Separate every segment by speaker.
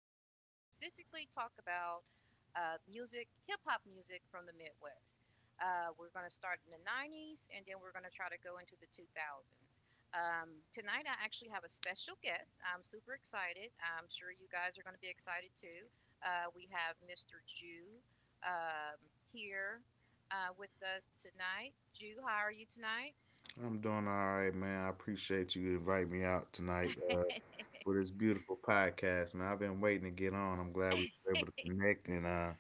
Speaker 1: we're going to specifically talk about music, hip hop music from the Midwest. We're going to start in the 90s and then we're going to try to go into the 2000s. Tonight, I actually have a special guest. I'm super excited. I'm sure you guys are going to be excited too. We have Mr. Jew um, here with us tonight. Jew, how are you tonight?
Speaker 2: I'm doing all right, man. I appreciate you inviting me out tonight for this beautiful podcast, man. I've been waiting to get on. I'm glad we were able to connect and, uh,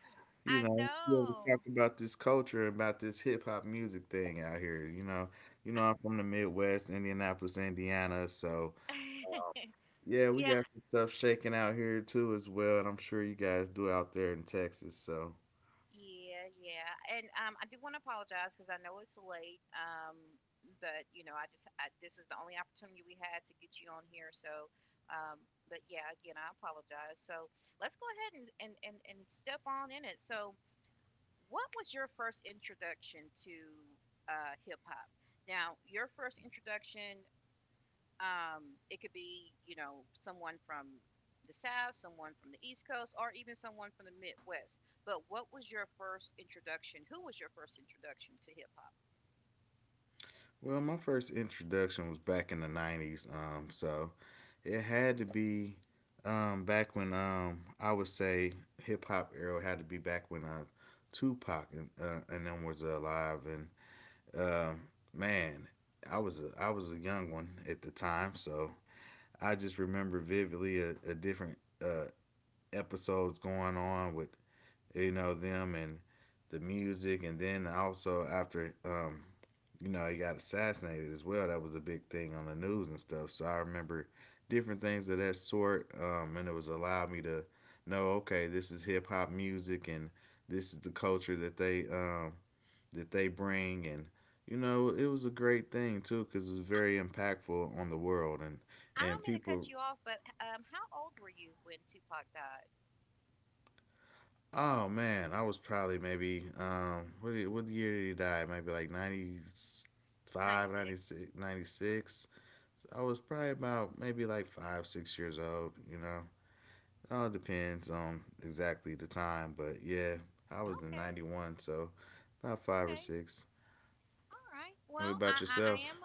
Speaker 2: you
Speaker 1: I
Speaker 2: know, be able to talk
Speaker 1: know.
Speaker 2: about this culture, about this hip hop music thing out here. I'm from the Midwest, Indianapolis, Indiana. So yeah, we
Speaker 1: Yeah,
Speaker 2: got some stuff shaking out here too as well, and I'm sure you guys do out there in Texas. So.
Speaker 1: yeah, yeah. And I do want to apologize because I know it's late. But you know, this is the only opportunity we had to get you on here. So, um, but yeah, again, I apologize. So let's go ahead and step on in it. So, what was your first introduction to hip hop? Now, your first introduction It could be, you know, someone from the South, someone from the East Coast, or even someone from the Midwest. But what was your first introduction? Who was your first introduction to hip hop?
Speaker 2: Well, my first introduction was back in the '90s, so it had to be back when I would say hip hop era had to be back when Tupac and them was alive, and um man, I was a young one at the time, so I just remember vividly a different uh, episodes going on with them and the music, and then also after you know he got assassinated as well. That was a big thing on the news and stuff. So I remember different things of that sort, and it was allowed me to know okay, this is hip hop music and this is the culture that they bring and you know it was a great thing too because it was
Speaker 1: I,
Speaker 2: very impactful on the world and
Speaker 1: I
Speaker 2: and
Speaker 1: don't mean to cut
Speaker 2: people.
Speaker 1: you off, but how old were you when Tupac died?
Speaker 2: Oh man, I was probably maybe what year did he die? Maybe like 95, ninety
Speaker 1: 96.
Speaker 2: six, 96. So I was probably about maybe like 5, 6 years old, you know. It all depends on exactly the time, but yeah, I was in
Speaker 1: Okay.
Speaker 2: 91, so about 5 or
Speaker 1: Okay.
Speaker 2: 6.
Speaker 1: All right.
Speaker 2: What
Speaker 1: Well,
Speaker 2: about yourself?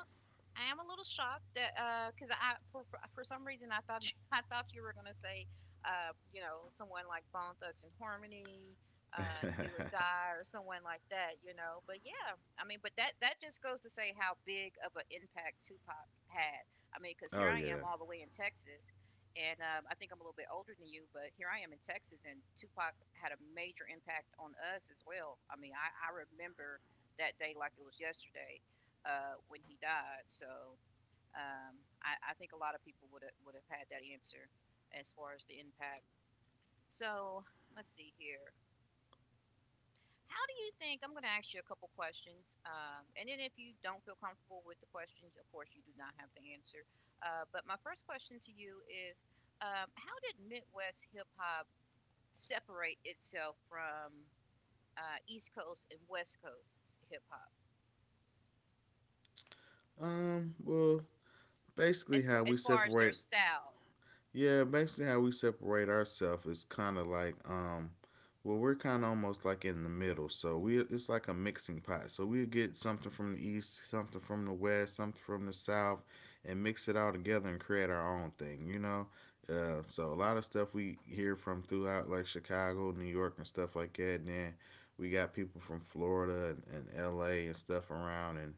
Speaker 1: I am a little shocked that because I for some reason I thought I thought you were gonna say you know someone like Bone Thugs and Harmony, Do or Die, or someone like that, you know. But yeah, I mean, but that just goes to say how big of an impact Tupac had. I mean, because
Speaker 2: Oh
Speaker 1: here I am
Speaker 2: yeah.
Speaker 1: all the way in Texas, and I think I'm a little bit older than you, but here I am in Texas, and Tupac had a major impact on us as well. I mean, I remember that day like it was yesterday when he died. So I think a lot of people would have had that answer as far as the impact. So let's see here. How do you think? I'm going to ask you a couple questions, and then if you don't feel comfortable with the questions, of course you do not have to answer. But my first question to you is, how did Midwest hip hop separate itself from East Coast and West Coast hip hop
Speaker 2: Well, basically
Speaker 1: as
Speaker 2: how
Speaker 1: as
Speaker 2: we
Speaker 1: far as their
Speaker 2: separate.
Speaker 1: style?
Speaker 2: Yeah, basically how we separate ourselves is kind of like well, we're kind of almost like in the middle. So we it's like a mixing pot. So we get something from the east, something from the west, something from the south, and mix it all together and create our own thing, you know? So a lot of stuff we hear from throughout, like Chicago, New York and stuff like that. And then we got people from Florida and LA and stuff around, and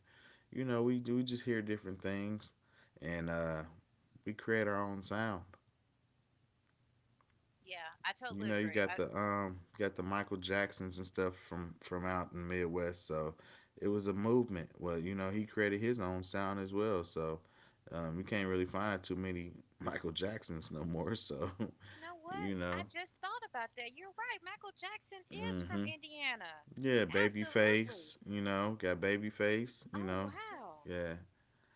Speaker 2: we just hear different things and we create our own sound.
Speaker 1: Yeah, I totally
Speaker 2: You
Speaker 1: agree.
Speaker 2: got the Michael Jacksons and stuff from out in the Midwest. So it was a movement. Well, he created his own sound as well. So you can't really find too many Michael Jacksons no more. So
Speaker 1: You know what?
Speaker 2: you
Speaker 1: I
Speaker 2: know,
Speaker 1: just thought about that. You're right. Michael Jackson is from
Speaker 2: hmm,
Speaker 1: Indiana.
Speaker 2: yeah,
Speaker 1: Absolutely.
Speaker 2: Babyface. Got Babyface. You
Speaker 1: Oh,
Speaker 2: know,
Speaker 1: wow.
Speaker 2: yeah,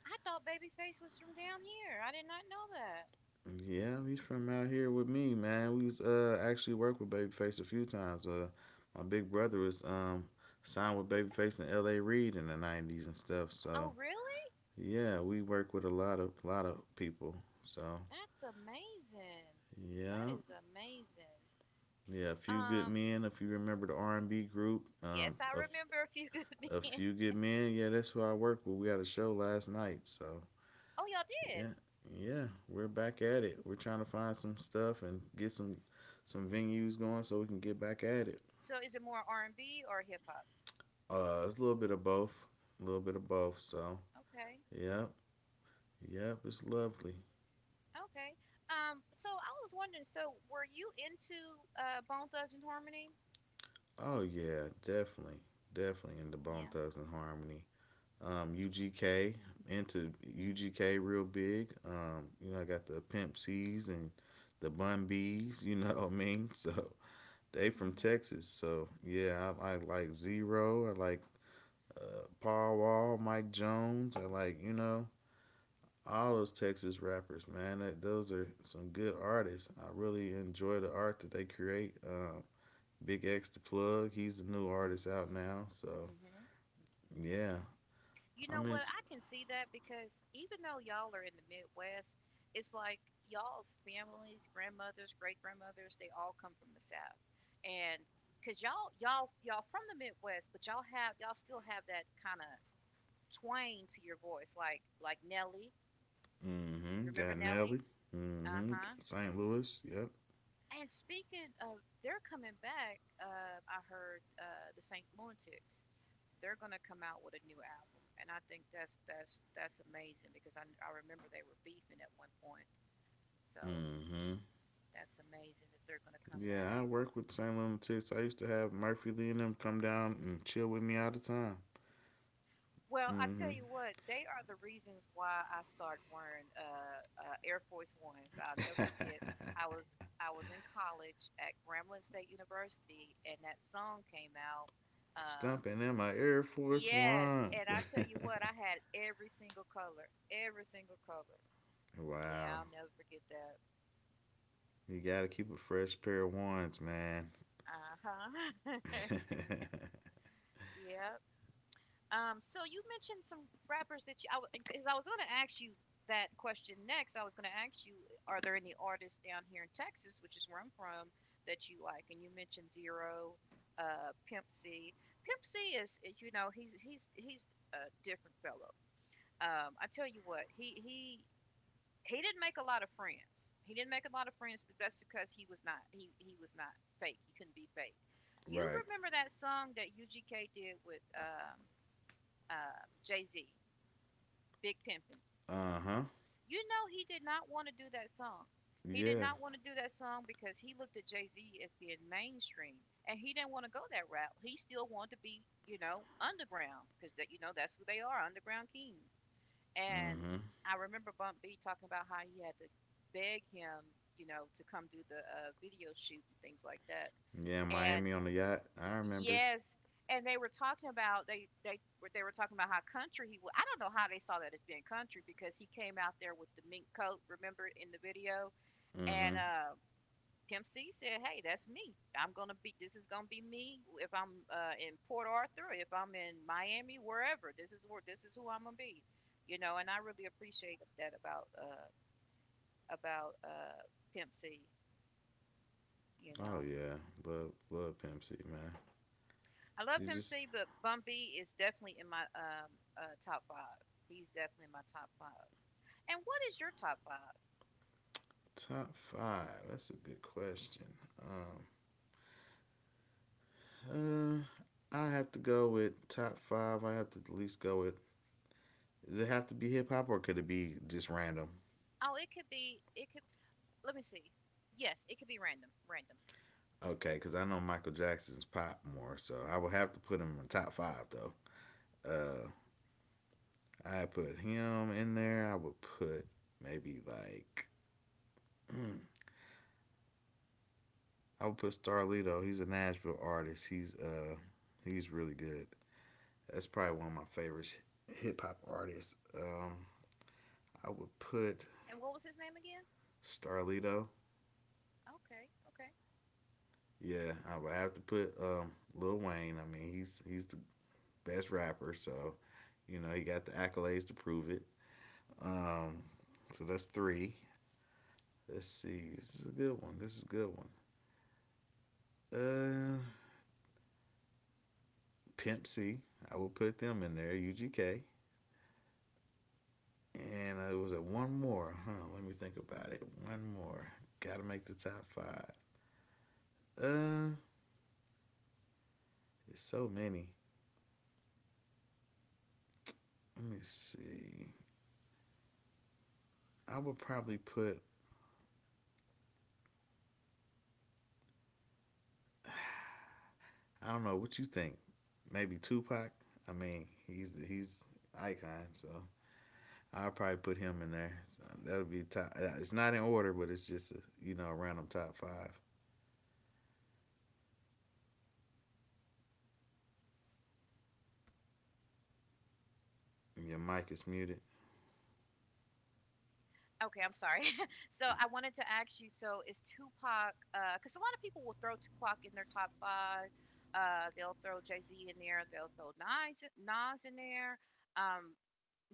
Speaker 1: I thought Babyface was from down here. I did not know that.
Speaker 2: yeah, he's from out here with me, man. We was actually worked with Babyface a few times. My big brother was signed with Babyface and L.A. Reid in the '90s and stuff. So
Speaker 1: Oh, really?
Speaker 2: yeah, we work with a lot of people. So
Speaker 1: That's amazing. That
Speaker 2: yeah,
Speaker 1: is amazing.
Speaker 2: yeah, a few good
Speaker 1: Um,
Speaker 2: men. If you remember the R&B group,
Speaker 1: yes, I remember a few good
Speaker 2: a
Speaker 1: men.
Speaker 2: few good men. Yeah, that's who I work with. We had a show last night, so
Speaker 1: Oh, y'all did.
Speaker 2: yeah, yeah, we're back at it. We're trying to find some stuff and get some venues going so we can get back at it.
Speaker 1: So is it more R&B or hip hop?
Speaker 2: It's a little bit of both, a little bit of both. So,
Speaker 1: Okay.
Speaker 2: yep, yep, it's lovely.
Speaker 1: Okay. So I was wondering, so were you into Bone Thugs and Harmony?
Speaker 2: Oh yeah, definitely, definitely into Bone
Speaker 1: Yeah.
Speaker 2: Thugs and Harmony. UGK. Into UGK real big. I got the Pimp C's and the Bun B's. You know what I mean? So they from
Speaker 1: Mhm.
Speaker 2: Texas. So yeah, I like Zero. I like Paul Wall, Mike Jones, and like all those Texas rappers, man. Those are some good artists. I really enjoy the art that they create. Big X the plug, he's a new artist
Speaker 1: Mhm.
Speaker 2: out now. So
Speaker 1: Mhm.
Speaker 2: yeah,
Speaker 1: You know
Speaker 2: I'm
Speaker 1: what?
Speaker 2: into.
Speaker 1: I can see that because even though y'all are in the Midwest, it's like y'all's families, grandmothers, great grandmothers, they all come from the South, and because y'all from the Midwest, but y'all have y'all still have that kind of twang to your voice, like Nelly.
Speaker 2: Mm-hmm.
Speaker 1: Remember
Speaker 2: Got
Speaker 1: Nelly?
Speaker 2: Nelly.
Speaker 1: Uh
Speaker 2: Mm-hmm.
Speaker 1: huh.
Speaker 2: St. Louis. Yep.
Speaker 1: And speaking of, they're coming back. I heard the Saint Lunatics. They're gonna come out with a new album, and I think that's amazing because I remember they were beefing at one point. So
Speaker 2: Mm-hmm.
Speaker 1: that's amazing that they're gonna come
Speaker 2: Yeah,
Speaker 1: back.
Speaker 2: I work with St. Lunatics. I used to have Murphy Lee and them come down and chill with me all the time.
Speaker 1: Well, I tell
Speaker 2: Mm-hmm.
Speaker 1: you what, they are the reasons why I started wearing Air Force Ones. I'll never forget. I was I was in college at Grambling State University, and that song came out. Um,
Speaker 2: Stomping in my Air Force
Speaker 1: yes,
Speaker 2: Ones.
Speaker 1: and I tell you what, I had every single color, every single color. Yeah,
Speaker 2: Wow.
Speaker 1: I'll never forget that.
Speaker 2: You gotta keep a fresh pair of ones, man.
Speaker 1: Uh huh. Yep. So you mentioned some rappers that you. I Because I was going to ask you that question next. I was going to ask you, are there any artists down here in Texas, which is where I'm from, that you like? And you mentioned Zero, Pimp C. Pimp C is, you know, he's a different fellow. I tell you what, he he didn't make a lot of friends. He didn't make a lot of friends, but that's because he was not fake. He couldn't be fake. You
Speaker 2: Right.
Speaker 1: remember that song that UGK did with Jay Z, Big Pimpin'?
Speaker 2: Uh huh.
Speaker 1: You know he did not want to do that song. He did
Speaker 2: Yeah.
Speaker 1: not want to do that song because he looked at Jay Z as being mainstream, and he didn't want to go that route. He still wanted to be, you know, underground because that you know that's who they are, underground kings.
Speaker 2: Mm
Speaker 1: And
Speaker 2: hmm.
Speaker 1: I remember Bump B talking about how he had to beg him, you know, to come do the video shoot and things like that.
Speaker 2: Yeah,
Speaker 1: And
Speaker 2: Miami on the yacht. I remember.
Speaker 1: yes, and they were talking about they were talking about how country he was. I don't know how they saw that as being country because he came out there with the mink coat, remember in the video,
Speaker 2: Mm
Speaker 1: and
Speaker 2: hmm.
Speaker 1: Pimp C said, "Hey, that's me. I'm gonna be. This is gonna be me. If I'm in Port Arthur, if I'm in Miami, wherever. This is where. This is who I'm gonna be. You know. And I really appreciate that about about uh Pimp C. You
Speaker 2: Oh,
Speaker 1: know,
Speaker 2: yeah. Love, love Pimp C, man.
Speaker 1: I love
Speaker 2: You
Speaker 1: Pimp
Speaker 2: just.
Speaker 1: C, but Bun B is definitely in my top five. He's definitely in my top five. And what is your top five?
Speaker 2: Top five. That's a good question. Um, I have to go with top five. I have to at least go with. Does it have to be hip hop, or could it be just random?
Speaker 1: Oh, it could be. It could. Let me see. Yes, it could be random. Random.
Speaker 2: Okay, because I know Michael Jackson's pop more, so I would have to put him in top five though. Uh, I put him in there. I would put maybe like hmm, I would put Starlito. He's a Nashville artist. He's really good. That's probably one of my favorite hip hop artists. Um, I would put
Speaker 1: And what was his name again?
Speaker 2: Starlito.
Speaker 1: Okay. Okay.
Speaker 2: Yeah, I would have to put Lil Wayne. I mean, he's the best rapper, so you know he got the accolades to prove it. Um, so that's three. Let's see. This is a good one. This is a good one. Uh, Pimp C. I will put them in there. UGK. And was it one more? Huh. Let me think about it. One more. Got to make the top five. Uh, it's so many. Let me see. I would probably put. I don't know what you think. Maybe Tupac. I mean, he's icon. So I'll probably put him in there. So that'll be top. It's not in order, but it's just a, you know a random top five. And your mic is muted.
Speaker 1: Okay, I'm sorry. So I wanted to ask you, so is Tupac, because a lot of people will throw Tupac in their top five. They'll throw Jay-Z in there. They'll throw Nas in there. Um,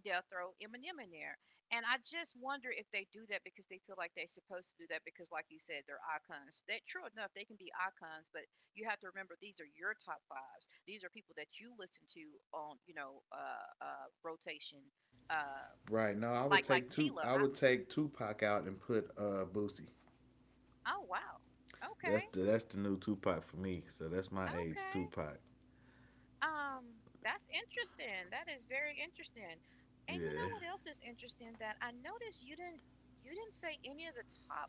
Speaker 1: they'll throw Eminem in there. And I just wonder if they do that because they feel like they're supposed to do that because, like you said, they're icons. That true enough, they can be icons, but you have to remember these are your top fives. These are people that you listen to on, you know, rotation. Uh,
Speaker 2: Right. No, I would
Speaker 1: like
Speaker 2: take two.
Speaker 1: Tila,
Speaker 2: I
Speaker 1: I.
Speaker 2: would take Tupac out and put Boosie.
Speaker 1: Oh wow. Okay.
Speaker 2: That's the new Tupac for me. So that's my age
Speaker 1: Okay.
Speaker 2: Tupac.
Speaker 1: That's interesting. That is very interesting. And you know
Speaker 2: Yeah,
Speaker 1: what else is interesting that I noticed you didn't say any of the top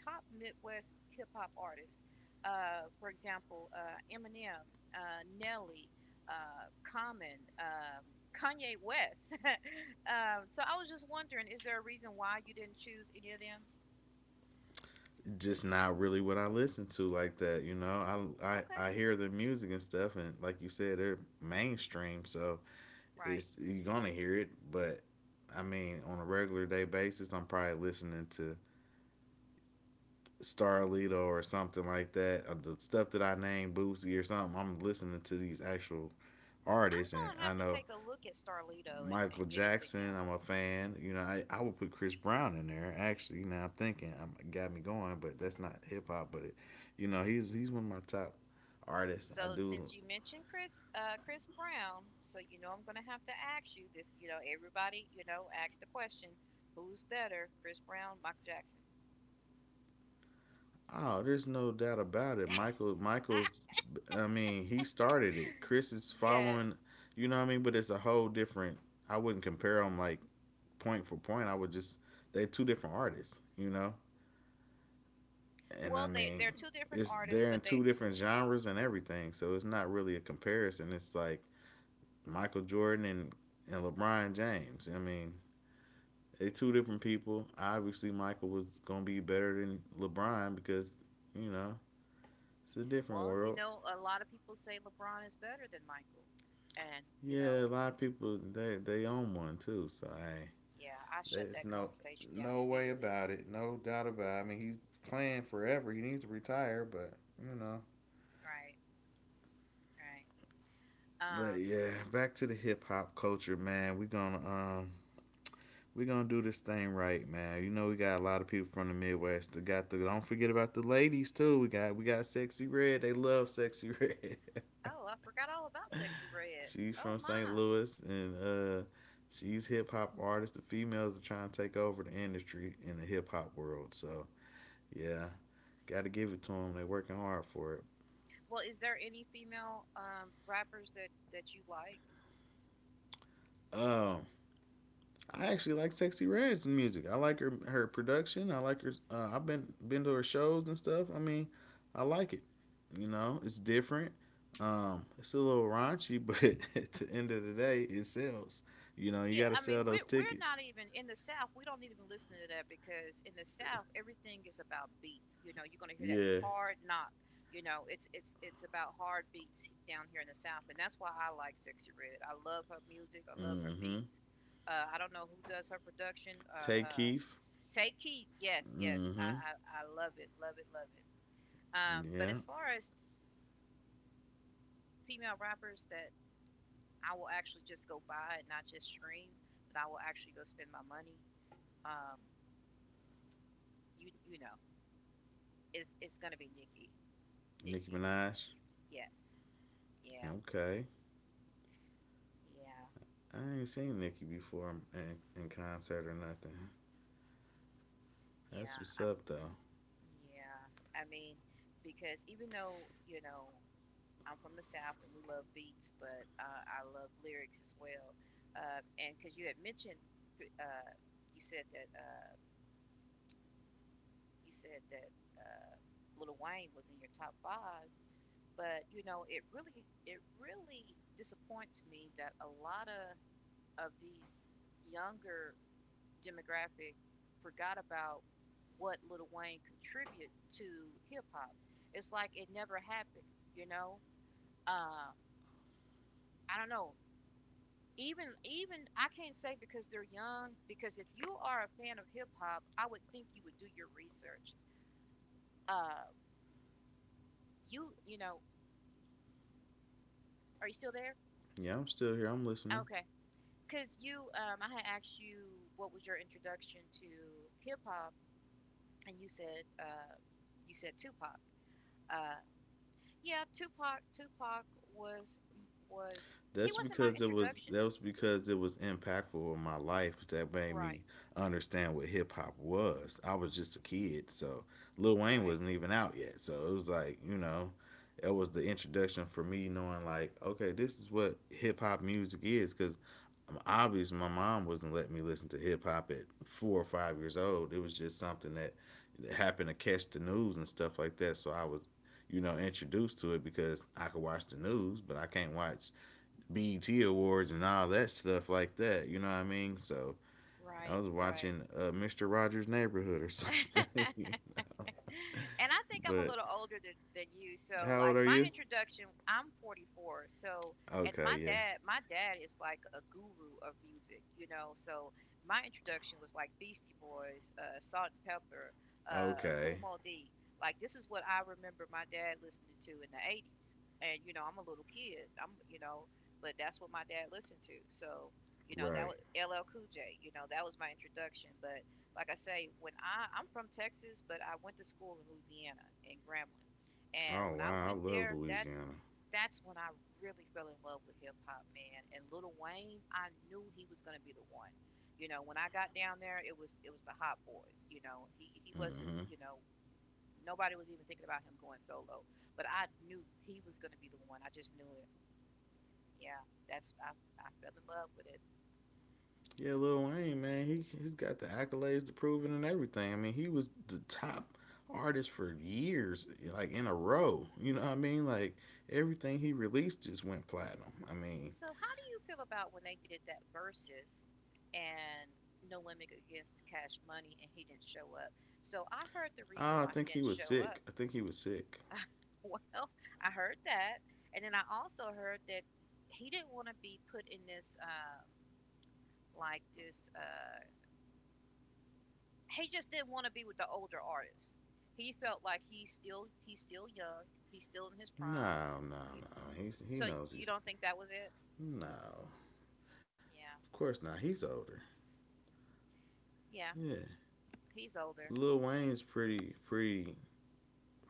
Speaker 1: top Midwest hip hop artists. For example, Eminem, Nelly, Common, Kanye West. So I was just wondering, is there a reason why you didn't choose any of them?
Speaker 2: just not really what I listen to like that. You know, I I
Speaker 1: Okay,
Speaker 2: I hear the music and stuff, and like you said, they're mainstream, so
Speaker 1: right.
Speaker 2: it's you're gonna hear it. But I mean, on a regular day basis, I'm probably listening to Starlito or something like that. The stuff that I named, Boosie or something. I'm listening to these actual
Speaker 1: I'm
Speaker 2: artists, and
Speaker 1: gonna
Speaker 2: I
Speaker 1: have to
Speaker 2: know
Speaker 1: take a look at Starlito
Speaker 2: Michael
Speaker 1: and get into
Speaker 2: Jackson.
Speaker 1: him.
Speaker 2: I'm a fan. I would put Chris Brown in there. Actually, I'm thinking, got me going, but that's not hip hop. But it, you know, he's one of my top artists. I
Speaker 1: So
Speaker 2: do.
Speaker 1: since you mentioned Chris Brown, so you know I'm gonna have to ask you this. You know, everybody, you know, ask the question: Who's better, Chris Brown, Michael Jackson?
Speaker 2: Oh, there's no doubt about it. Michael, Michael's. I mean, he started it. Chris is
Speaker 1: Yeah.
Speaker 2: following. You know what I mean? But it's a whole different. I wouldn't compare him like point for point, I would just they're two different artists, you know. And
Speaker 1: Well,
Speaker 2: I
Speaker 1: they
Speaker 2: mean,
Speaker 1: they're two different
Speaker 2: it's
Speaker 1: artists,
Speaker 2: they're
Speaker 1: but
Speaker 2: in
Speaker 1: they.
Speaker 2: two different genres and everything, so it's not really a comparison. It's like Michael Jordan and LeBron James. I mean, they're two different people. Obviously, Michael was gonna be better than LeBron because you know it's a different
Speaker 1: Well, you
Speaker 2: world.
Speaker 1: know, a lot of people say LeBron is better than Michael, and you
Speaker 2: Yeah,
Speaker 1: know,
Speaker 2: a lot of people they own one too. So hey,
Speaker 1: yeah, I shut
Speaker 2: there's
Speaker 1: that
Speaker 2: no
Speaker 1: conversation down
Speaker 2: no way
Speaker 1: immediately.
Speaker 2: about it, no doubt about it. I mean, he's playing forever. He needs to retire, but you know
Speaker 1: Right. Right.
Speaker 2: but
Speaker 1: Um.
Speaker 2: yeah, back to the hip hop culture, man. We gonna do this thing right, man. You know we got a lot of people from the Midwest. That got the Don't forget about the ladies too. We got Sexy Red. They love Sexy Red.
Speaker 1: Oh, I forgot all about Sexy Red.
Speaker 2: She's
Speaker 1: Oh
Speaker 2: from St.
Speaker 1: my.
Speaker 2: Louis, and she's hip hop artist. The females are trying to take over the industry in the hip hop world. So yeah,
Speaker 1: Mhm.
Speaker 2: gotta give it to them. They're working hard for it.
Speaker 1: Well, is there any female rappers that that you like?
Speaker 2: Um, I actually like Sexy Red's music. I like her production. I like her. I've been to her shows and stuff. I mean, I like it. It's different. It's a little raunchy, but at the end of the day, it sells. You
Speaker 1: Yeah,
Speaker 2: got to
Speaker 1: I mean
Speaker 2: sell those
Speaker 1: we're
Speaker 2: tickets.
Speaker 1: not even in the South. We don't even listen to that because in the South everything is about beats. You know, you're gonna hear that
Speaker 2: Yeah.
Speaker 1: hard knock. You know, it's about hard beats down here in the South, and that's why I like Sexy Red. I love her music. I love her
Speaker 2: Mm-hmm.
Speaker 1: beat. I don't know who does her production.
Speaker 2: Tay Keith.
Speaker 1: Take Keith. Yes, yes, I,
Speaker 2: Mm-hmm.
Speaker 1: I I love it, love it, love it. But
Speaker 2: Yeah.
Speaker 1: as far as female rappers that I will actually just go buy it, not just stream, but I will actually go spend my money. Um, you you know, it's gonna be Nikki.
Speaker 2: Nicki
Speaker 1: Nikki,
Speaker 2: Minaj.
Speaker 1: yes, yeah,
Speaker 2: Okay.
Speaker 1: yeah,
Speaker 2: I ain't seen Nicki before in concert or nothing. That's
Speaker 1: yeah.
Speaker 2: what's
Speaker 1: I'm
Speaker 2: up, though.
Speaker 1: Yeah. I mean, because even though you know I'm from the South and we love beats, but I love lyrics as well. And because you had mentioned, uh, you said that uh, you said that uh, Little Wayne was in your top five. But you know, it really disappoints me that a lot of these younger demographic forgot about what Lil Wayne contributed to hip hop. It's like it never happened, you know. Um, I don't know. Even I can't say because they're young. Because if you are a fan of hip hop, I would think you would do your research. Uh, you you know, are you still there?
Speaker 2: Yeah, I'm still here. I'm listening.
Speaker 1: Okay. Because I had asked you what was your introduction to hip hop, and you said Tupac. Uh, yeah, Tupac. Tupac
Speaker 2: That's
Speaker 1: wasn't my
Speaker 2: because it was
Speaker 1: introduction.
Speaker 2: that was because it was impactful in my life that made me
Speaker 1: Right,
Speaker 2: understand what hip hop was. I was just a kid, so Lil Wayne
Speaker 1: right,
Speaker 2: wasn't even out yet. So it was like, it was the introduction for me knowing like, okay, this is what hip hop music is, cuz obviously my mom wasn't letting me listen to hip hop at 4 or 5 years old. It was just something that happened to catch the news and stuff like that. So I was introduced to it because I could watch the news, but I can't watch BET Awards and all that stuff like that. You know what I mean? So I
Speaker 1: right,
Speaker 2: was
Speaker 1: right.
Speaker 2: watching Mr. Rogers' Neighborhood or something.
Speaker 1: And I think I'm a
Speaker 2: But
Speaker 1: little older than you, so
Speaker 2: how old
Speaker 1: like
Speaker 2: are
Speaker 1: my
Speaker 2: you?
Speaker 1: introduction, I'm 44. So, and my
Speaker 2: Okay, yeah.
Speaker 1: dad, my dad is like a guru of music, you know. So my introduction was like Beastie Boys, Salt and Pepper, Kool
Speaker 2: Okay,
Speaker 1: Moe Dee. Like this is what I remember my dad listening to in the 80s. And you know, I'm a little kid. But that's what my dad listened to. So, you know, that
Speaker 2: right.
Speaker 1: was LL Cool J. You know, that was my introduction, but like I say, when I'm from Texas, but I went to school in Louisiana in Grambling, and
Speaker 2: Oh
Speaker 1: when I
Speaker 2: wow, I
Speaker 1: went
Speaker 2: love
Speaker 1: there, that
Speaker 2: Louisiana.
Speaker 1: that's when I really fell in love with hip hop, man. And Lil Wayne, I knew he was gonna be the one. You know, when I got down there, it was the Hot Boys. You know, he wasn't.
Speaker 2: Mm-hmm.
Speaker 1: You know, nobody was even thinking about him going solo, but I knew he was gonna be the one. I just knew it. Yeah, that's I fell in love with it.
Speaker 2: Yeah, Lil Wayne, man, he's got the accolades to prove it and everything. I mean, he was the top artist for years, like in a row. You know what I mean? Like everything he released just went platinum. I mean,
Speaker 1: So how do you feel about when they did that versus and No Limit against Cash Money and he didn't show up? So I heard the reason
Speaker 2: oh, I
Speaker 1: why he
Speaker 2: think he
Speaker 1: didn't
Speaker 2: was
Speaker 1: show up.
Speaker 2: sick. I think he was sick.
Speaker 1: Well, I heard that, and then I also heard that he didn't want to be put in this like this he just didn't want to be with the older artists. He felt like he's still young, he's still in his prime.
Speaker 2: No, no,
Speaker 1: Y-
Speaker 2: no. He
Speaker 1: So
Speaker 2: knows
Speaker 1: you
Speaker 2: he's
Speaker 1: don't think that was it?
Speaker 2: no. Of
Speaker 1: Yeah.
Speaker 2: course not. He's older.
Speaker 1: Yeah,
Speaker 2: Yeah.
Speaker 1: he's older.
Speaker 2: Lil Wayne's pretty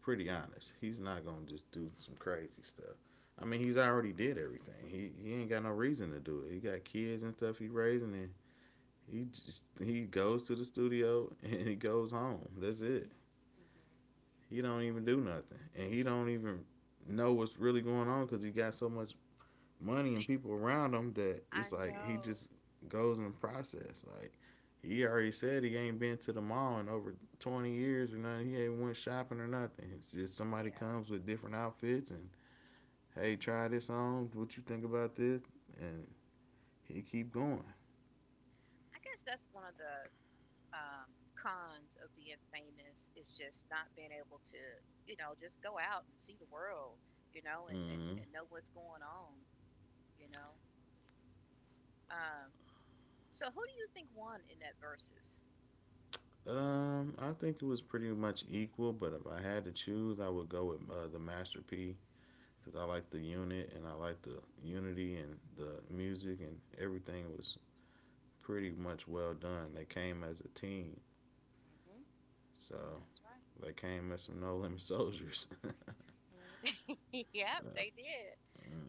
Speaker 2: pretty honest. He's not gonna just do some crazy stuff. I mean, he's already did everything. He ain't got no reason to do it. He got kids and stuff he raising, and he just he goes to the studio and he goes home. That's it.
Speaker 1: Mhm.
Speaker 2: He don't
Speaker 1: Yeah.
Speaker 2: even do nothing, and he don't even know what's really going on because he got so much money and people around him that
Speaker 1: I
Speaker 2: it's like he
Speaker 1: know.
Speaker 2: just goes in the process. Like he already said he ain't been to the mall in over 20 years or nothing. He ain't went shopping or nothing. It's just somebody
Speaker 1: Yeah.
Speaker 2: comes with different outfits and hey, try this on. What you think about this? And he keep going.
Speaker 1: I guess that's one of the um, cons of being famous is just not being able to, just go out and see the world, and, and,
Speaker 2: Mm-hmm.
Speaker 1: and know what's going on, you know. Um, so who do you think won in that versus?
Speaker 2: I think it was pretty much equal, but if I had to choose, I would go with the Master P because I like the unit and I like the unity and the music and everything was pretty much well done. They came as a team,
Speaker 1: Mm hmm.
Speaker 2: so
Speaker 1: That's right.
Speaker 2: they came as some no limit soldiers.
Speaker 1: Mm, yep,
Speaker 2: So,
Speaker 1: they did.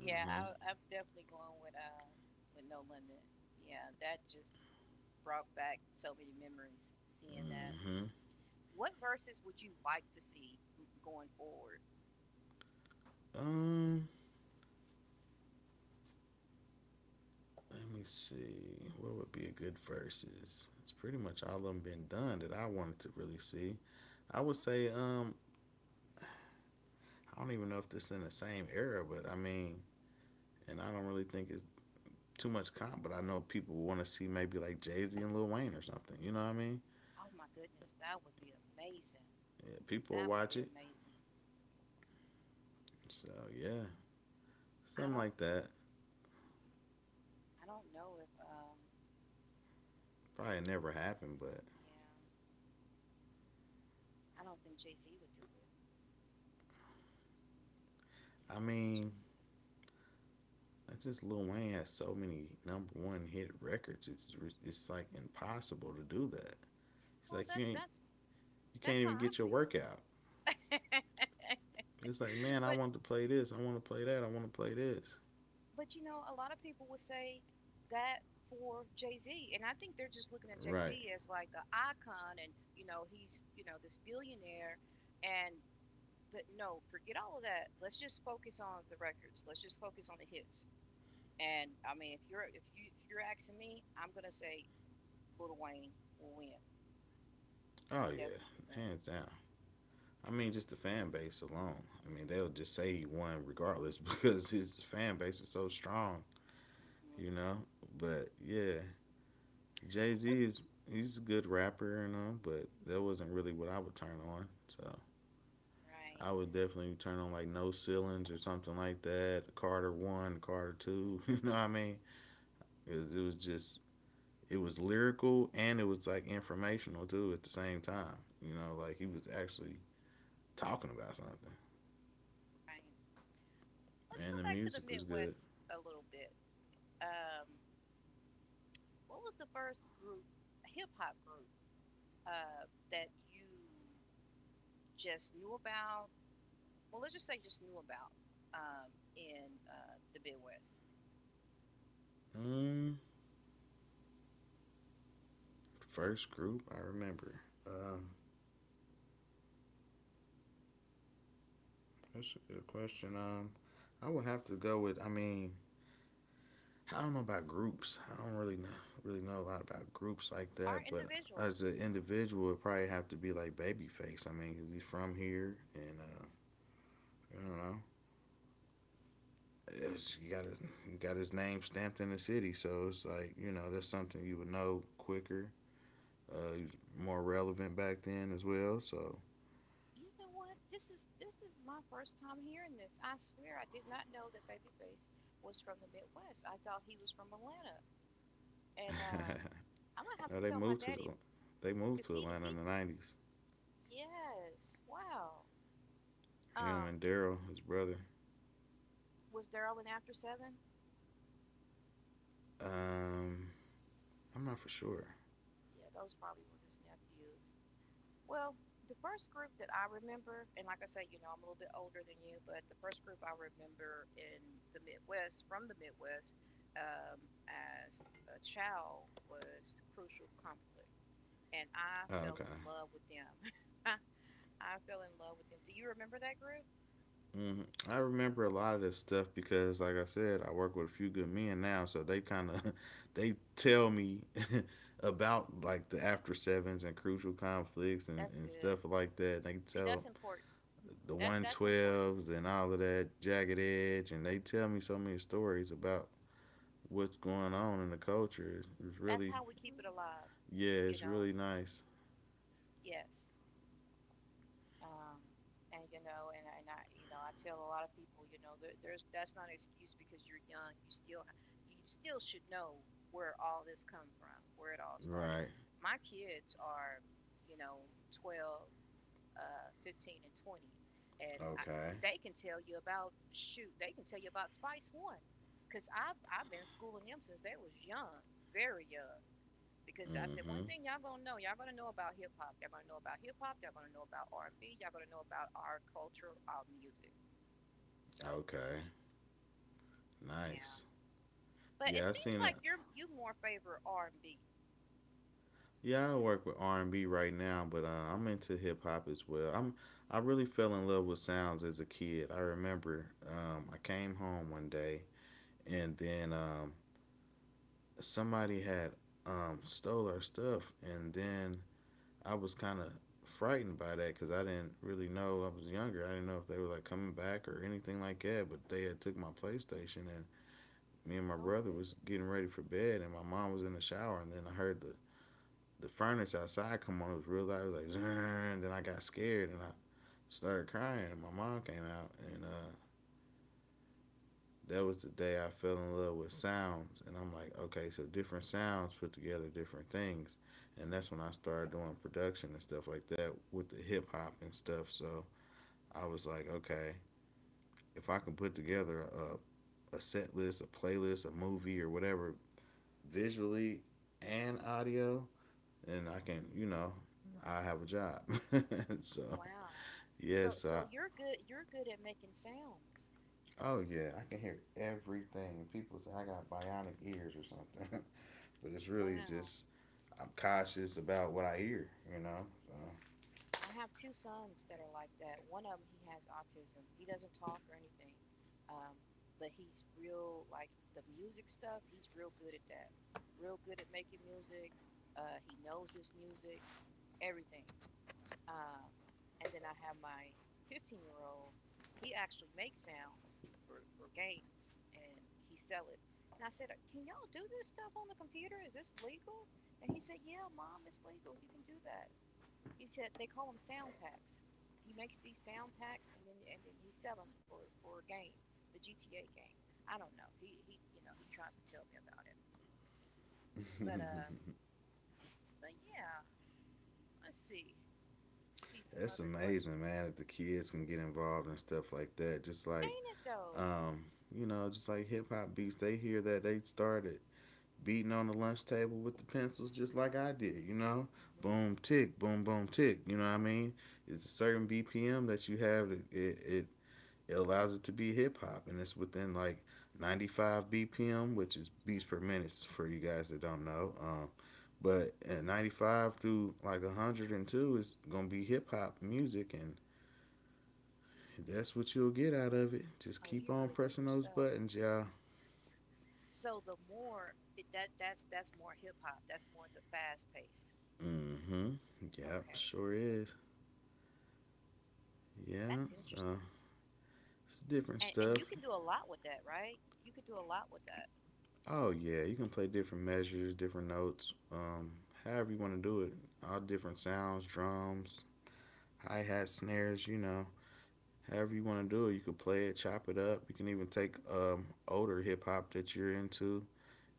Speaker 1: Yeah, I'm definitely going with No Limit. Yeah, that just brought back so many memories seeing that.
Speaker 2: mm-hmm.
Speaker 1: What verses would you like to see going forward?
Speaker 2: Um, Let me see. What would be a good versus? It's pretty much all of them been done that I wanted to really see. I would say, I don't even know if this is in the same era, but I mean, and I don't really think it's too much comp, but I know people want to see maybe like Jay Z and Lil Wayne or something. You know what I mean?
Speaker 1: Oh my goodness, that would be amazing.
Speaker 2: Yeah, people will
Speaker 1: That would
Speaker 2: watch
Speaker 1: be
Speaker 2: it.
Speaker 1: amazing.
Speaker 2: So yeah,
Speaker 1: I
Speaker 2: something
Speaker 1: don't
Speaker 2: like that.
Speaker 1: I don't know if,
Speaker 2: Probably never happened, but
Speaker 1: yeah, I don't think Jay-Z would do it. Yeah,
Speaker 2: I
Speaker 1: I don't think
Speaker 2: mean,
Speaker 1: Jay-Z.
Speaker 2: it's just Lil Wayne has so many number one hit records. It's like impossible to do that. It's
Speaker 1: Well,
Speaker 2: like
Speaker 1: that
Speaker 2: you ain't
Speaker 1: that's
Speaker 2: you can't
Speaker 1: that's how
Speaker 2: even
Speaker 1: I
Speaker 2: get your
Speaker 1: feel.
Speaker 2: workout. It's like man, I
Speaker 1: But
Speaker 2: want to play this, I want to play that, I want to play this.
Speaker 1: but you know, a lot of people would say that for Jay Z, and I think they're just looking at Jay Z
Speaker 2: Right?
Speaker 1: as like an icon, and you know he's this billionaire, and But no, forget all of that. Let's just focus on the records. Let's just focus on the hits. And I mean, if you're asking me, I'm gonna say Lil Wayne will win. He
Speaker 2: Oh yeah,
Speaker 1: definitely will win.
Speaker 2: hands down. I mean, just the fan base alone. I mean, they'll just say he won regardless because his fan base is so strong,
Speaker 1: Mm-hmm.
Speaker 2: you know. But yeah, Jay Z is he's a good rapper and all, but that wasn't really what I would turn on. So
Speaker 1: Right.
Speaker 2: I would definitely turn on like No Ceilings or something like that. Carter One, Carter Two. You know what I mean? It was just it was lyrical and it was like informational too at the same time. You know, like he
Speaker 1: Mm-hmm.
Speaker 2: was actually talking about something,
Speaker 1: Right. Let's
Speaker 2: and
Speaker 1: go
Speaker 2: the
Speaker 1: back to the
Speaker 2: music was good.
Speaker 1: Midwest a little bit. Um, what was the first group, hip hop group, that you just knew about? Well, let's just say just knew about um, in the Midwest.
Speaker 2: Mm, first group I remember. Um, that's a good question. I would have to go with. I mean, I don't know about groups. I don't really know a lot about groups like
Speaker 1: Our
Speaker 2: that. But
Speaker 1: individual.
Speaker 2: as an individual, it probably have to be like Babyface. I mean, 'cause he's from here, and I don't know. It's, you got his name stamped in the city, so it's like you know that's something you would know quicker. He was more relevant back then as well. So
Speaker 1: You know what? This is my first time hearing this. I swear I did not know that Babyface was from the Midwest. I thought he was from Atlanta. And I'm gonna have
Speaker 2: no,
Speaker 1: to
Speaker 2: they
Speaker 1: tell my
Speaker 2: moved to the,
Speaker 1: daddy
Speaker 2: they moved
Speaker 1: because
Speaker 2: to Atlanta in
Speaker 1: he
Speaker 2: the '90s.
Speaker 1: yes, wow.
Speaker 2: Him
Speaker 1: um
Speaker 2: and Daryl, his brother.
Speaker 1: was Daryl in After Seven?
Speaker 2: Um, I'm not for sure.
Speaker 1: Yeah, those probably was his nephews. Well, the first group that I remember, and like I say, you know, I'm a little bit older than you, but the first group I remember in the Midwest, from the Midwest, um, as a child was Crucial Conflict. And I
Speaker 2: Oh,
Speaker 1: fell
Speaker 2: okay.
Speaker 1: in love with them. I fell in love with them. Do you remember that group?
Speaker 2: Hmm. I remember a lot of this stuff because, like I said, I work with a few good men now, so they kind of they tell me about like the after sevens and crucial conflicts
Speaker 1: That's
Speaker 2: and stuff
Speaker 1: good.
Speaker 2: like that. They
Speaker 1: See,
Speaker 2: tell
Speaker 1: that's important.
Speaker 2: the
Speaker 1: That
Speaker 2: one
Speaker 1: that's important.
Speaker 2: twelves and all of that jagged edge, and they tell me so many stories about what's going on in the culture. It's
Speaker 1: That's
Speaker 2: really
Speaker 1: how we keep it alive,
Speaker 2: yeah,
Speaker 1: you
Speaker 2: it's
Speaker 1: know.
Speaker 2: really nice.
Speaker 1: Yes. Um, and I, you know, I tell a lot of people, there, there's that's not an excuse because you're young. You still should know where all this come from, where it all started.
Speaker 2: Right.
Speaker 1: My kids are, you know, 12, 15, and 20, and
Speaker 2: Okay.
Speaker 1: they can tell you about shoot, they can tell you about Spice One, cause I've been schooling them since they was young, very young because I said one
Speaker 2: Mhm.
Speaker 1: thing y'all gonna know about hip hop, y'all gonna know about hip hop, y'all gonna know about R and B, y'all gonna know about our culture, our music. So
Speaker 2: Okay.
Speaker 1: yeah,
Speaker 2: Nice.
Speaker 1: but it
Speaker 2: Yeah, I
Speaker 1: seems
Speaker 2: seen it.
Speaker 1: like you more favor R and B.
Speaker 2: Yeah, I work with R and B right now, but I'm into hip hop as well. I'm I really fell in love with sounds as a kid. I remember I came home one day and then somebody had stole our stuff, and then I was kind of frightened by that because I didn't really know. I was younger. I didn't know if they were like coming back or anything like that. But they had took my PlayStation, and me and my
Speaker 1: Oh my
Speaker 2: brother was
Speaker 1: goodness,
Speaker 2: getting ready for bed, and my mom was in the shower, and then I heard the furnace outside come on. It was real loud. It was like, and then I got scared and I started crying. And my mom came out, and that was the day I fell in love with sounds. And I'm like, okay, so different sounds put together different things. And that's when I started doing production and stuff like that with the hip hop and stuff. So I was like, okay, if I can put together a set list, a playlist, a movie, or whatever, visually and audio, then I can, you know, I have a job. So
Speaker 1: wow. So
Speaker 2: yes.
Speaker 1: so you're good, at making sounds.
Speaker 2: Oh yeah, I can hear everything. People say I got bionic ears or something, but it's really
Speaker 1: Wow.
Speaker 2: just I'm cautious about what I hear. You know.
Speaker 1: I have two sons that are like that. One of them, he has autism. He doesn't talk or anything, um, but he's real like the music stuff. He's real good at that. Real good at making music. He knows his music, everything. Um, and then I have my 15-year-old. He actually makes sounds for games, and he sells it. And I said, "Can y'all do this stuff on the computer? Is this legal?" And he said, "Yeah, mom, it's legal. You can do that." He's just, they call them sound packs. He makes these sound packs and then he sell them for a game, the GTA game. I don't know. He you know he tries to tell me about it, but um
Speaker 2: So.
Speaker 1: but yeah, let's see some
Speaker 2: That's
Speaker 1: other
Speaker 2: amazing,
Speaker 1: questions.
Speaker 2: man. That the kids can get involved and stuff like that. Just like,
Speaker 1: Ain't it though?
Speaker 2: um, you know, just like hip hop beats, they hear that they started beating on the lunch table with the pencils, just like I did. You know,
Speaker 1: Hmm.
Speaker 2: boom tick, boom boom tick. You know what I mean? It's a certain BPM that you have. That it, it allows it to be hip hop, and it's within like 95 BPM, which is beats per minute for you guys that don't know. But at 95 through like 102 is gonna be hip hop music, and that's what you'll get out of it. Just
Speaker 1: Oh,
Speaker 2: keep
Speaker 1: you
Speaker 2: on
Speaker 1: really know
Speaker 2: pressing
Speaker 1: your
Speaker 2: those
Speaker 1: stuff.
Speaker 2: buttons, y'all.
Speaker 1: So the more it, that that's more hip hop. That's more the fast pace.
Speaker 2: Mm-hmm. Yeah,
Speaker 1: Okay,
Speaker 2: sure is.
Speaker 1: that's
Speaker 2: Yeah, so
Speaker 1: interesting.
Speaker 2: it's different
Speaker 1: And
Speaker 2: stuff.
Speaker 1: you can do a lot with that, right? You could do a lot with that.
Speaker 2: Oh yeah, you can play different measures, different notes, however you want to do it. All different sounds, drums, hi hat, snares. You know, however you want to do it. You can play it, chop it up. You can even take older hip hop that you're into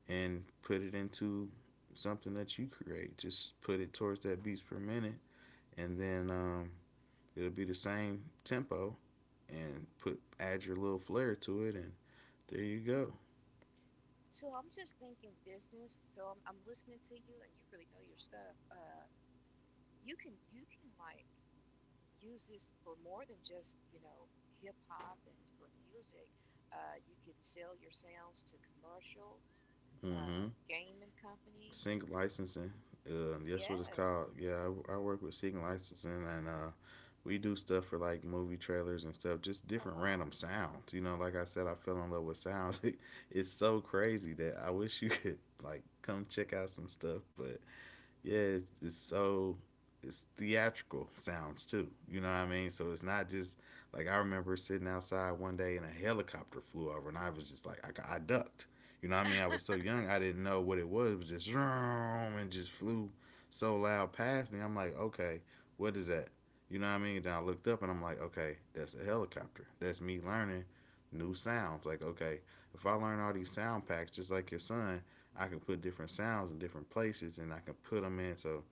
Speaker 2: and put it into something that you create. Just put it towards that beats per minute, and then it'll be the same tempo. And put add your little flair to it, and there you go.
Speaker 1: So I'm just thinking business. So I'm listening to you, and you really know your stuff. You can like use this for more than just hip hop and for music. You can sell your sounds to commercials,
Speaker 2: Mm-hmm.
Speaker 1: gaming companies.
Speaker 2: Sync licensing. That's what it's
Speaker 1: Yes.
Speaker 2: called. Yeah, I work with sync licensing, and we do stuff for like movie trailers and stuff, just
Speaker 1: Oh
Speaker 2: different
Speaker 1: wow.
Speaker 2: random sounds. You know, like I said, I fell in love with sounds. It's so crazy that I wish you could like come check out some stuff, but yeah,
Speaker 1: Mm,
Speaker 2: it's so it's theatrical sounds too. You know what I mean? So it's not just like I remember sitting outside one day and a helicopter flew over, and I was just like, I ducked. You know what I mean? I was so young, I didn't know what it was. It was just vroom, and just flew so loud past me. I'm like, okay, what is that? You know what I
Speaker 1: hmm. Mm-hmm.
Speaker 2: mean? And then I looked up and I'm like, okay, that's a helicopter. That's me learning new sounds. Like, okay, if I learn all these sound packs, just like your son, I can put different sounds in different places and I can put them in. So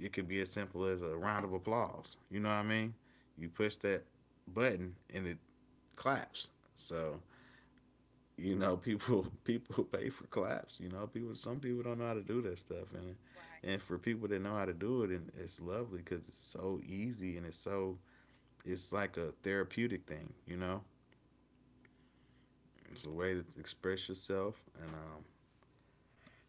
Speaker 2: it could be as simple as a round of applause. You know what I mean? You push that button and it claps. So you know, people pay for claps. You know, people some people don't know how to do that stuff,
Speaker 1: Right.
Speaker 2: and for people that know how to do it, and it's lovely because it's so easy and it's so it's like a therapeutic thing. You know, it's a way to express yourself, and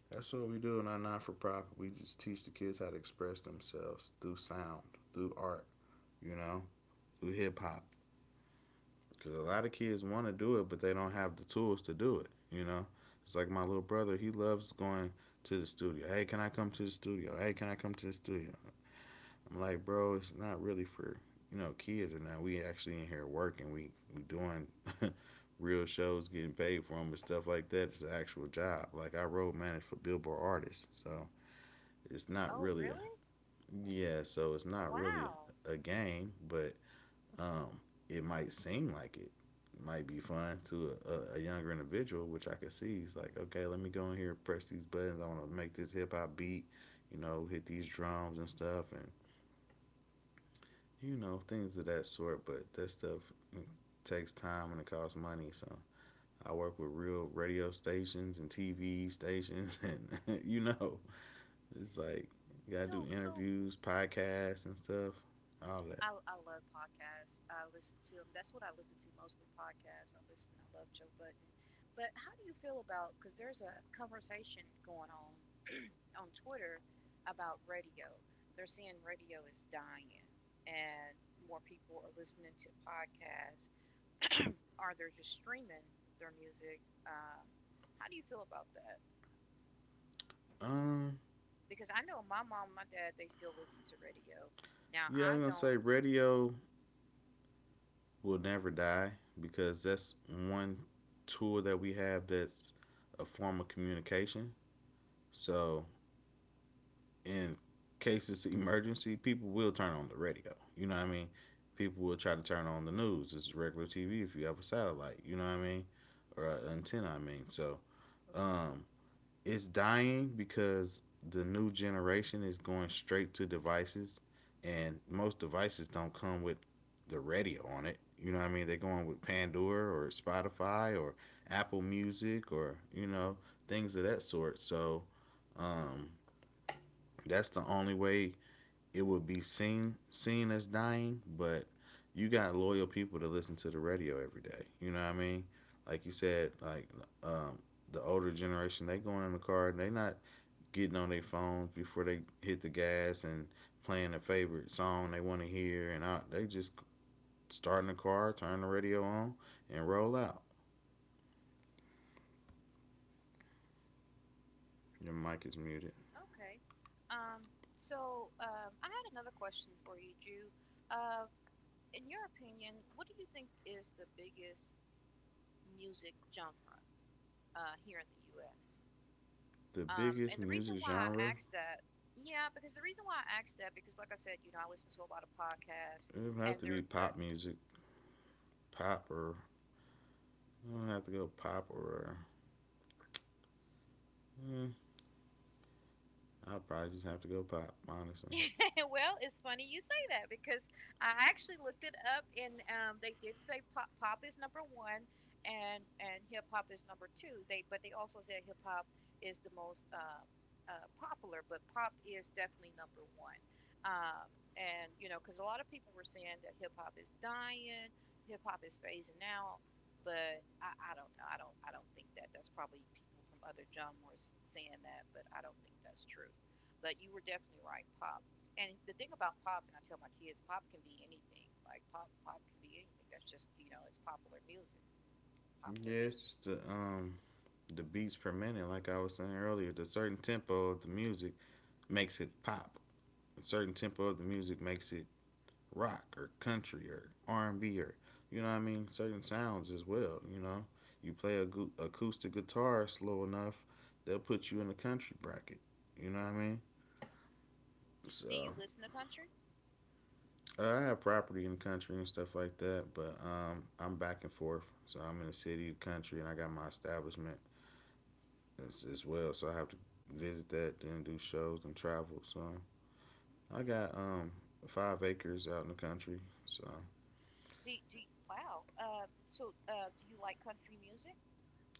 Speaker 2: that's what we do in our non for profit. We just teach the kids how to express themselves through sound, through art, you know, through hip hop.
Speaker 1: Hmm.
Speaker 2: Because a lot of kids want to do it, but they don't have the tools to do it, you know. It's like my little brother, he loves going to the studio. Hey, can I come to the studio? Hey, can I come to the studio? I'm like, bro, it's not really for, kids, and now we actually in here working. We doing real shows, getting paid for them and stuff like that. It's an actual job. Like I road manage for Billboard artists, so it's not
Speaker 1: Oh
Speaker 2: really a,
Speaker 1: really?
Speaker 2: yeah, so it's not really
Speaker 1: Wow.
Speaker 2: a game, but um it might seem like it might
Speaker 1: Hmm.
Speaker 2: be fun to a younger individual, which I could see. It's like, okay, let me go in here, press these buttons, I want to make this hip-hop beat, hit these drums and stuff, and things of that sort. But that stuff mm, takes time and it costs money. So I work with real radio stations and TV stations, and it's like, you gotta do
Speaker 1: So
Speaker 2: interviews, podcasts, and stuff, all that.
Speaker 1: I love podcasts. I listen to them. That's what I listen to mostly podcasts. I listen. I love Joe Button. But how do you feel about? Because there's a conversation going on Twitter about radio. They're saying radio is dying, and more people are listening to podcasts, or they're just streaming their music. How do you feel about that?
Speaker 2: Um,
Speaker 1: Because I know my mom, and my dad, they still listen to radio. Now
Speaker 2: yeah,
Speaker 1: I
Speaker 2: I'm gonna
Speaker 1: don't.
Speaker 2: say radio will never die because that's one tool that we have, that's a form of communication. So in cases of emergency, people will turn on the radio. You know what I mean? People will try to turn on the news. It's regular TV if you have a satellite. You know what I mean? Or an antenna. I mean, so um, it's dying because the new generation is going straight to devices, and most devices don't come with the radio on it. You know what I mean? They're going with Pandora or Spotify or Apple Music, or things of that sort. So um, that's the only way it would be seen as dying. But you got loyal people that listen to the radio every day. You know what I mean? Like you said, like um, the older generation, they going in the car and they not getting on their phones before they hit the gas and playing their favorite song they want to hear, and they just start in the car, turn the radio on, and roll out. Your mic is muted.
Speaker 1: Okay. Um, so I had another question for you, Jew. Uh, in your opinion, what do you think is the biggest music genre here in the U.S.?
Speaker 2: The
Speaker 1: And
Speaker 2: biggest
Speaker 1: the reason
Speaker 2: music
Speaker 1: why I
Speaker 2: genre,
Speaker 1: asked that, yeah, because the reason why I asked that, because like I said, you know, I listen to a lot of podcasts,
Speaker 2: it would
Speaker 1: and
Speaker 2: have to
Speaker 1: they're
Speaker 2: be
Speaker 1: they're
Speaker 2: pop music. Pop, or I don't have to go pop, or mm, I'd probably just have to go pop honestly.
Speaker 1: well, it's funny you say that because I actually looked it up and they did say pop is number one and hip hop is number two. They but they also said hip hop is the most popular, but pop is definitely number one. Um, because a lot of people were saying that hip hop is dying, hip hop is phasing out, but I don't know. I don't think that. That's probably people from other genres saying that, but I don't think that's true. But you were definitely right, pop. And the thing about pop, and I tell my kids, pop can be anything. Like pop, pop can be anything. That's just it's popular music.
Speaker 2: Yeah,
Speaker 1: Popular
Speaker 2: it's
Speaker 1: music.
Speaker 2: just the beats per minute, like I was saying earlier. The certain tempo of the music makes it pop. A certain tempo of the music makes it rock or country or R&B, or, you know what I mean, certain sounds as well. You know, you play a acoustic guitar slow enough, they'll put you in the country bracket. You know what I mean?
Speaker 1: Do
Speaker 2: So
Speaker 1: you listen to country?
Speaker 2: I have property in the country and stuff like that, but I'm back and forth. So I'm in the city, country, and I got my establishment as well. So I have to visit that, then do shows and travel. So I
Speaker 1: Okay.
Speaker 2: got 5 acres out in the country. So
Speaker 1: Do you, wow. So do you like country music?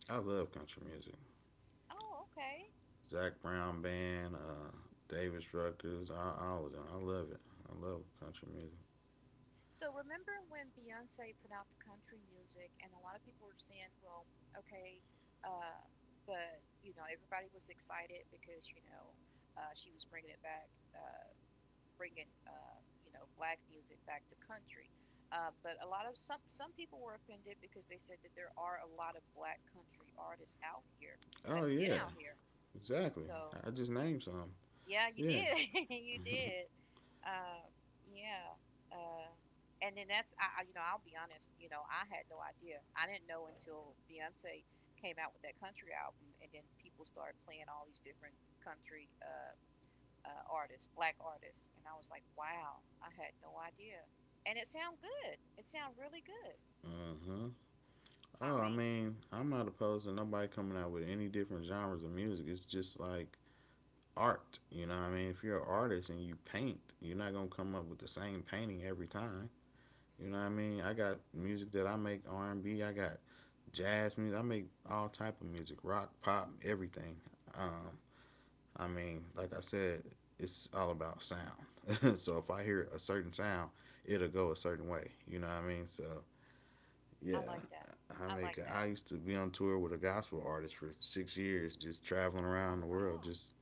Speaker 2: I love country music.
Speaker 1: Oh, okay.
Speaker 2: Zach Brown Band, Davis Ruckers, all of them. I love it. I love country music.
Speaker 1: So remember when Beyonce put out the country music, and a lot of people were saying, well, okay, uh, but everybody was excited because she was bringing it back. Uh, bringing, black music back to country. But a lot of some people were offended because they said that there are a lot of black country artists out here
Speaker 2: Oh
Speaker 1: that's been
Speaker 2: yeah,
Speaker 1: out here.
Speaker 2: exactly.
Speaker 1: So
Speaker 2: I just named some.
Speaker 1: yeah, you
Speaker 2: Yeah.
Speaker 1: did, you did. Um, yeah. Uh, and then that's I- you know I'll be honest, I had no idea. I didn't know until Beyonce came out with that country album, and then people started playing all these different country. Artists, black artists, and I was like, wow, I had no idea. And it sound good. It sound really good.
Speaker 2: Uh-huh. Oh,
Speaker 1: I
Speaker 2: I
Speaker 1: mean,
Speaker 2: mean, I'm not opposed to nobody coming out with any different genres of music. It's just like art, you know what I mean? If you're an artist and you paint, you're not going to come up with the same painting every time. You know what I
Speaker 1: mm-hmm.
Speaker 2: mean? I got music that I make R&B. I got jazz music, I make all type of music, rock, pop, everything. Um, I mean, like I said, it's all about sound. So if I hear a certain sound, it'll go a certain way. You know what I mean? So yeah,
Speaker 1: I like that.
Speaker 2: I
Speaker 1: I like
Speaker 2: make.
Speaker 1: that.
Speaker 2: I used to be on tour with a gospel artist for 6 years, just traveling around the
Speaker 1: Oh
Speaker 2: world,
Speaker 1: wow,
Speaker 2: just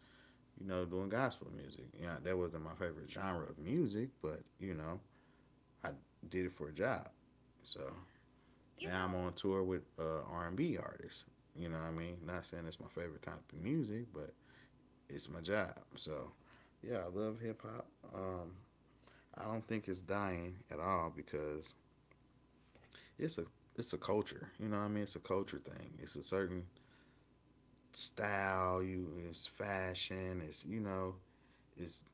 Speaker 2: doing gospel music. Yeah, that wasn't my favorite genre of music, but I did it for a job. So
Speaker 1: you
Speaker 2: now I'm
Speaker 1: know,
Speaker 2: on tour with R&B artists. You know what I mean? Not saying it's my favorite type of music, but it's my job. So yeah, I love hip hop. Um, I don't think it's dying at all because it's a it's a culture. You know what I mean? It's a culture
Speaker 1: hmm hmm
Speaker 2: thing. It's a certain style. You It's fashion. It's you know it's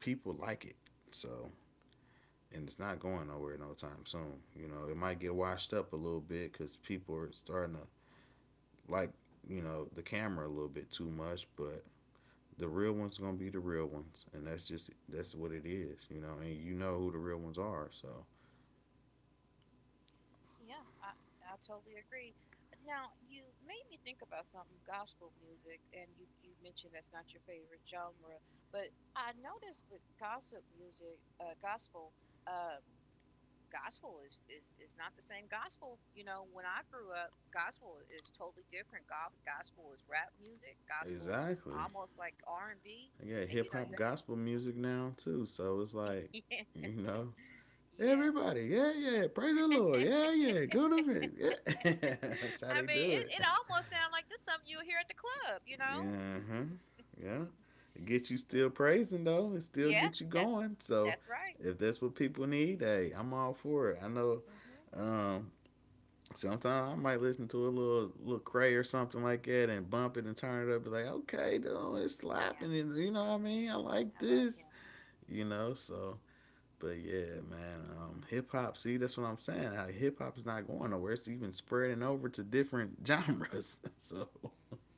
Speaker 2: people like it. So, and it's not going nowhere no time soon. You know, it might get washed up a little bit because people are starting to, like, the camera a little bit too much, but the real ones gonna be the real ones, and that's what it is. You know, and you know who the real ones are. So
Speaker 1: yeah, I totally agree. Now you made me think about something gospel music, and you mentioned that's not your favorite genre, but I noticed with gossip music, gospel. Um, Gospel is not the same gospel. You know, when I grew up, gospel is totally different. Gospel is rap music. Gospel
Speaker 2: exactly.
Speaker 1: almost like R and B.
Speaker 2: I got
Speaker 1: And you
Speaker 2: hip
Speaker 1: know, you
Speaker 2: hop
Speaker 1: have
Speaker 2: gospel music now too, so it's like, you know,
Speaker 1: yeah.
Speaker 2: everybody, yeah, yeah, praise the Lord, yeah, yeah, go to faith, yeah. That's how
Speaker 1: I
Speaker 2: they
Speaker 1: mean,
Speaker 2: do
Speaker 1: it,
Speaker 2: it.
Speaker 1: it almost sounds like this something you'll hear at the club. You know?
Speaker 2: Yeah, huh, yeah. It gets you still praising though. It still
Speaker 1: Yeah,
Speaker 2: gets you
Speaker 1: that
Speaker 2: going. So
Speaker 1: that's right.
Speaker 2: if that's what people need, hey, I'm all for it. I know
Speaker 1: Mhm.
Speaker 2: um sometimes I might listen to a little cray or something like that and bump it and turn it up, be like, okay, dude, it's
Speaker 1: Yeah,
Speaker 2: slapping, you know what I mean? I like
Speaker 1: I love
Speaker 2: this.
Speaker 1: him.
Speaker 2: You know, so. But yeah, man, hip hop. See, that's what I'm saying. How hip hop is not going nowhere. It's even spreading over to different genres. So
Speaker 1: Mhm.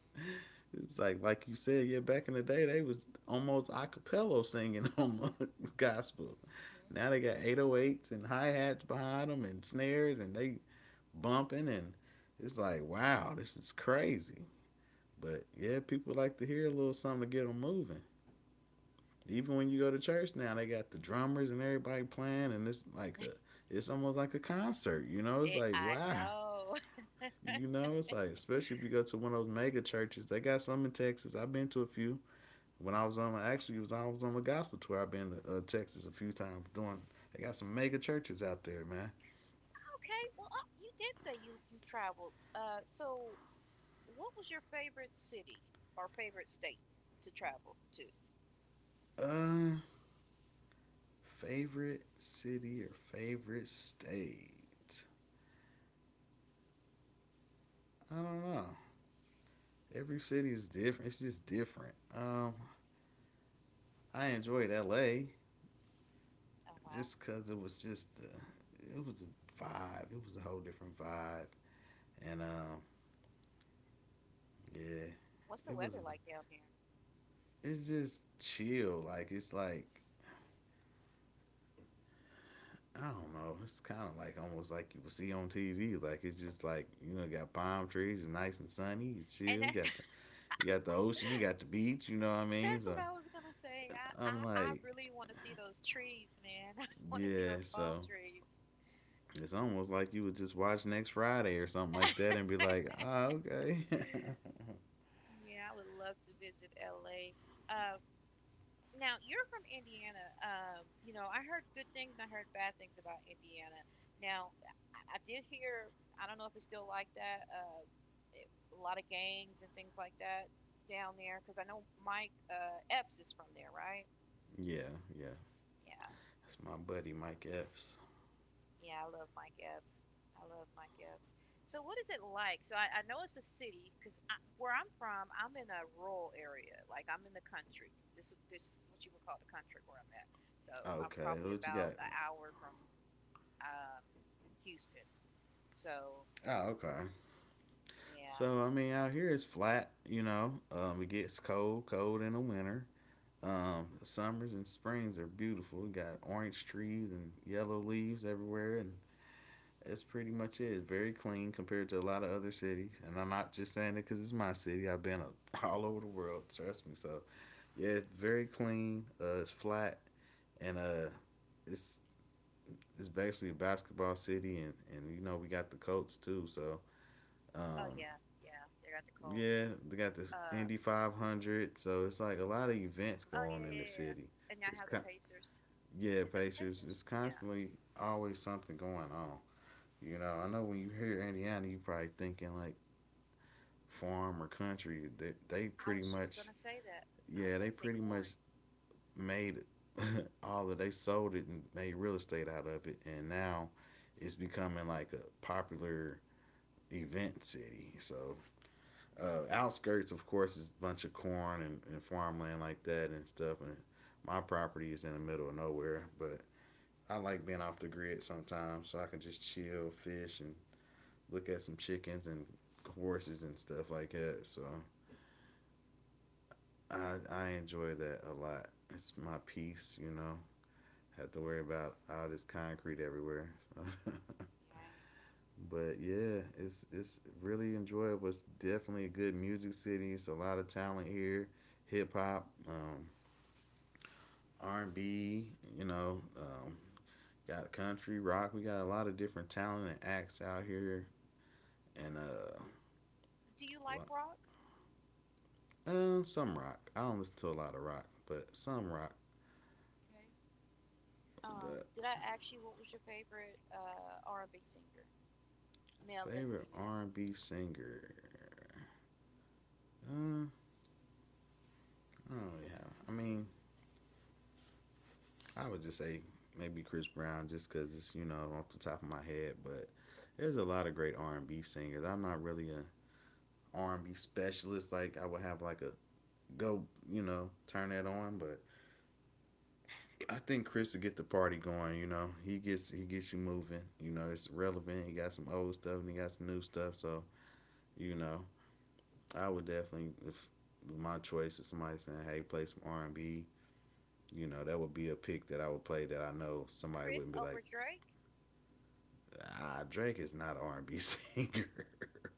Speaker 2: it's like you said, yeah. Back in the day, they was almost acapella singing on gospel.
Speaker 1: Mhm.
Speaker 2: Now they got 808s and hi hats behind them and snares, and they bumping, and it's like, wow, this is crazy. But yeah, people like to hear a little something to get them moving. Even when you
Speaker 1: Right.
Speaker 2: go to church now, they got the drummers and everybody playing, and it's almost like a concert. You know, it's
Speaker 1: It.
Speaker 2: like,
Speaker 1: I
Speaker 2: wow.
Speaker 1: know.
Speaker 2: You know, it's like, especially if you go to one of those mega churches. They got some in Texas. I've been to a few. When
Speaker 1: Mhm.
Speaker 2: I was on, actually, was I was on the gospel tour. I've been to Texas a few times doing. They got some mega churches out there, man.
Speaker 1: Okay, well, you did say you traveled. What was your favorite city or favorite state to travel to?
Speaker 2: Uh, Favorite city or favorite state? I don't know. Every city is different. It's just different. I enjoyed L.A.
Speaker 1: Oh wow.
Speaker 2: just because it was just it was a vibe. It was a whole different vibe, and yeah,
Speaker 1: What's the
Speaker 2: it was.
Speaker 1: weather like down there?
Speaker 2: It's just chill. Like I don't know. It's kind of like, almost like you would see on TV. Like it's just like, you got palm trees, it's nice and sunny. You chill.
Speaker 1: And
Speaker 2: You
Speaker 1: that,
Speaker 2: got the ocean. You got the beach. You know what I mean?
Speaker 1: that's
Speaker 2: So
Speaker 1: what I was gonna say. I I,
Speaker 2: I'm
Speaker 1: I
Speaker 2: like,
Speaker 1: really want to see those trees, man. I want to see
Speaker 2: yeah.
Speaker 1: those palm
Speaker 2: So
Speaker 1: trees.
Speaker 2: it's almost like you would just watch next Friday or something like that and be like, ah, okay.
Speaker 1: Yeah, I would love to visit LA. Um, Now, you're from Indiana. You know, I heard good things and I heard bad things about Indiana. Now, I did hear, I don't know if it's still like that, it, a lot of gangs and things like that down there, because I know Mike Epps is from there, right?
Speaker 2: Yeah, yeah.
Speaker 1: Yeah.
Speaker 2: That's my buddy Mike Epps.
Speaker 1: Yeah, I love Mike Epps. I love Mike Epps. So, what is it like? So, I know it's a city because where I'm from, I'm in a rural area. Like, I'm in the country. This is what you would call the country where I'm at. So, I'm
Speaker 2: Okay,
Speaker 1: probably
Speaker 2: what you got?
Speaker 1: about an hour from um, Houston. So,
Speaker 2: Oh, okay.
Speaker 1: yeah.
Speaker 2: So I mean, out here it's flat. You know, it gets cold, cold in the winter. Summers and springs are beautiful. We got orange trees and yellow leaves everywhere, and that's pretty much it. It's very clean compared to a lot of other cities. And I'm not just saying it because it's my city. I've been all over the world. Trust me. So yeah, it's very clean. It's flat, and it's it's basically a basketball city, and you know we got the Colts too. So
Speaker 1: Oh
Speaker 2: um,
Speaker 1: yeah, yeah. They got the cold.
Speaker 2: yeah, they got the
Speaker 1: Uh.
Speaker 2: Indy 500. So it's like a lot of events go
Speaker 1: Oh yeah,
Speaker 2: on in the
Speaker 1: yeah, yeah,
Speaker 2: city.
Speaker 1: yeah. And I
Speaker 2: It's
Speaker 1: have the
Speaker 2: con-
Speaker 1: Pacers.
Speaker 2: yeah,
Speaker 1: Is that the
Speaker 2: Pacers.
Speaker 1: Pacers?
Speaker 2: It's
Speaker 1: Yeah.
Speaker 2: constantly always something going on. You know, I know when you hear Indiana, you probably thinking like farm or country. They
Speaker 1: I
Speaker 2: pretty
Speaker 1: was just
Speaker 2: much,
Speaker 1: gonna say that. I was
Speaker 2: yeah, they
Speaker 1: gonna say
Speaker 2: pretty
Speaker 1: corn.
Speaker 2: much made all of they sold it and made real estate out of it, and now it's becoming like a popular event city. So outskirts, of course, is a bunch of corn and farmland like that and stuff. And my property is in the middle of nowhere, but I like being off the grid sometimes, so I can just chill, fish, and look at some chickens and horses and stuff like that. So
Speaker 1: Yeah.
Speaker 2: I enjoy that a lot. It's my peace. Have to worry about all this concrete everywhere. So
Speaker 1: Right.
Speaker 2: But yeah, it's really enjoyable. It's definitely a good music city. It's a lot of talent here, hip hop, R&B. You know, got country rock. We got a lot of different talent and acts out here, and
Speaker 1: Do you like rock?
Speaker 2: some rock. I don't listen to a lot of rock, but some rock.
Speaker 1: Okay.
Speaker 2: But
Speaker 1: Did I ask you what was your favorite R and B singer, male and
Speaker 2: favorite
Speaker 1: female?
Speaker 2: R&B singer. Uh, I don't really have. I mean, I would just say maybe Chris Brown, just because it's off the top of my head. But there's a lot of great R and B singers. I'm not really an R and B specialist. Like I would have like a go, turn that on. But I think Chris will get the party going. You know, he gets you moving. You know, it's relevant. He got some old stuff and he got some new stuff. So you know, I would definitely if my choice is somebody saying, "Hey, play some R and B." You know, that would be a pick that I would play that I know somebody
Speaker 1: Chris
Speaker 2: wouldn't be
Speaker 1: over
Speaker 2: like,
Speaker 1: Drake?
Speaker 2: ah, Drake is not R and B singer.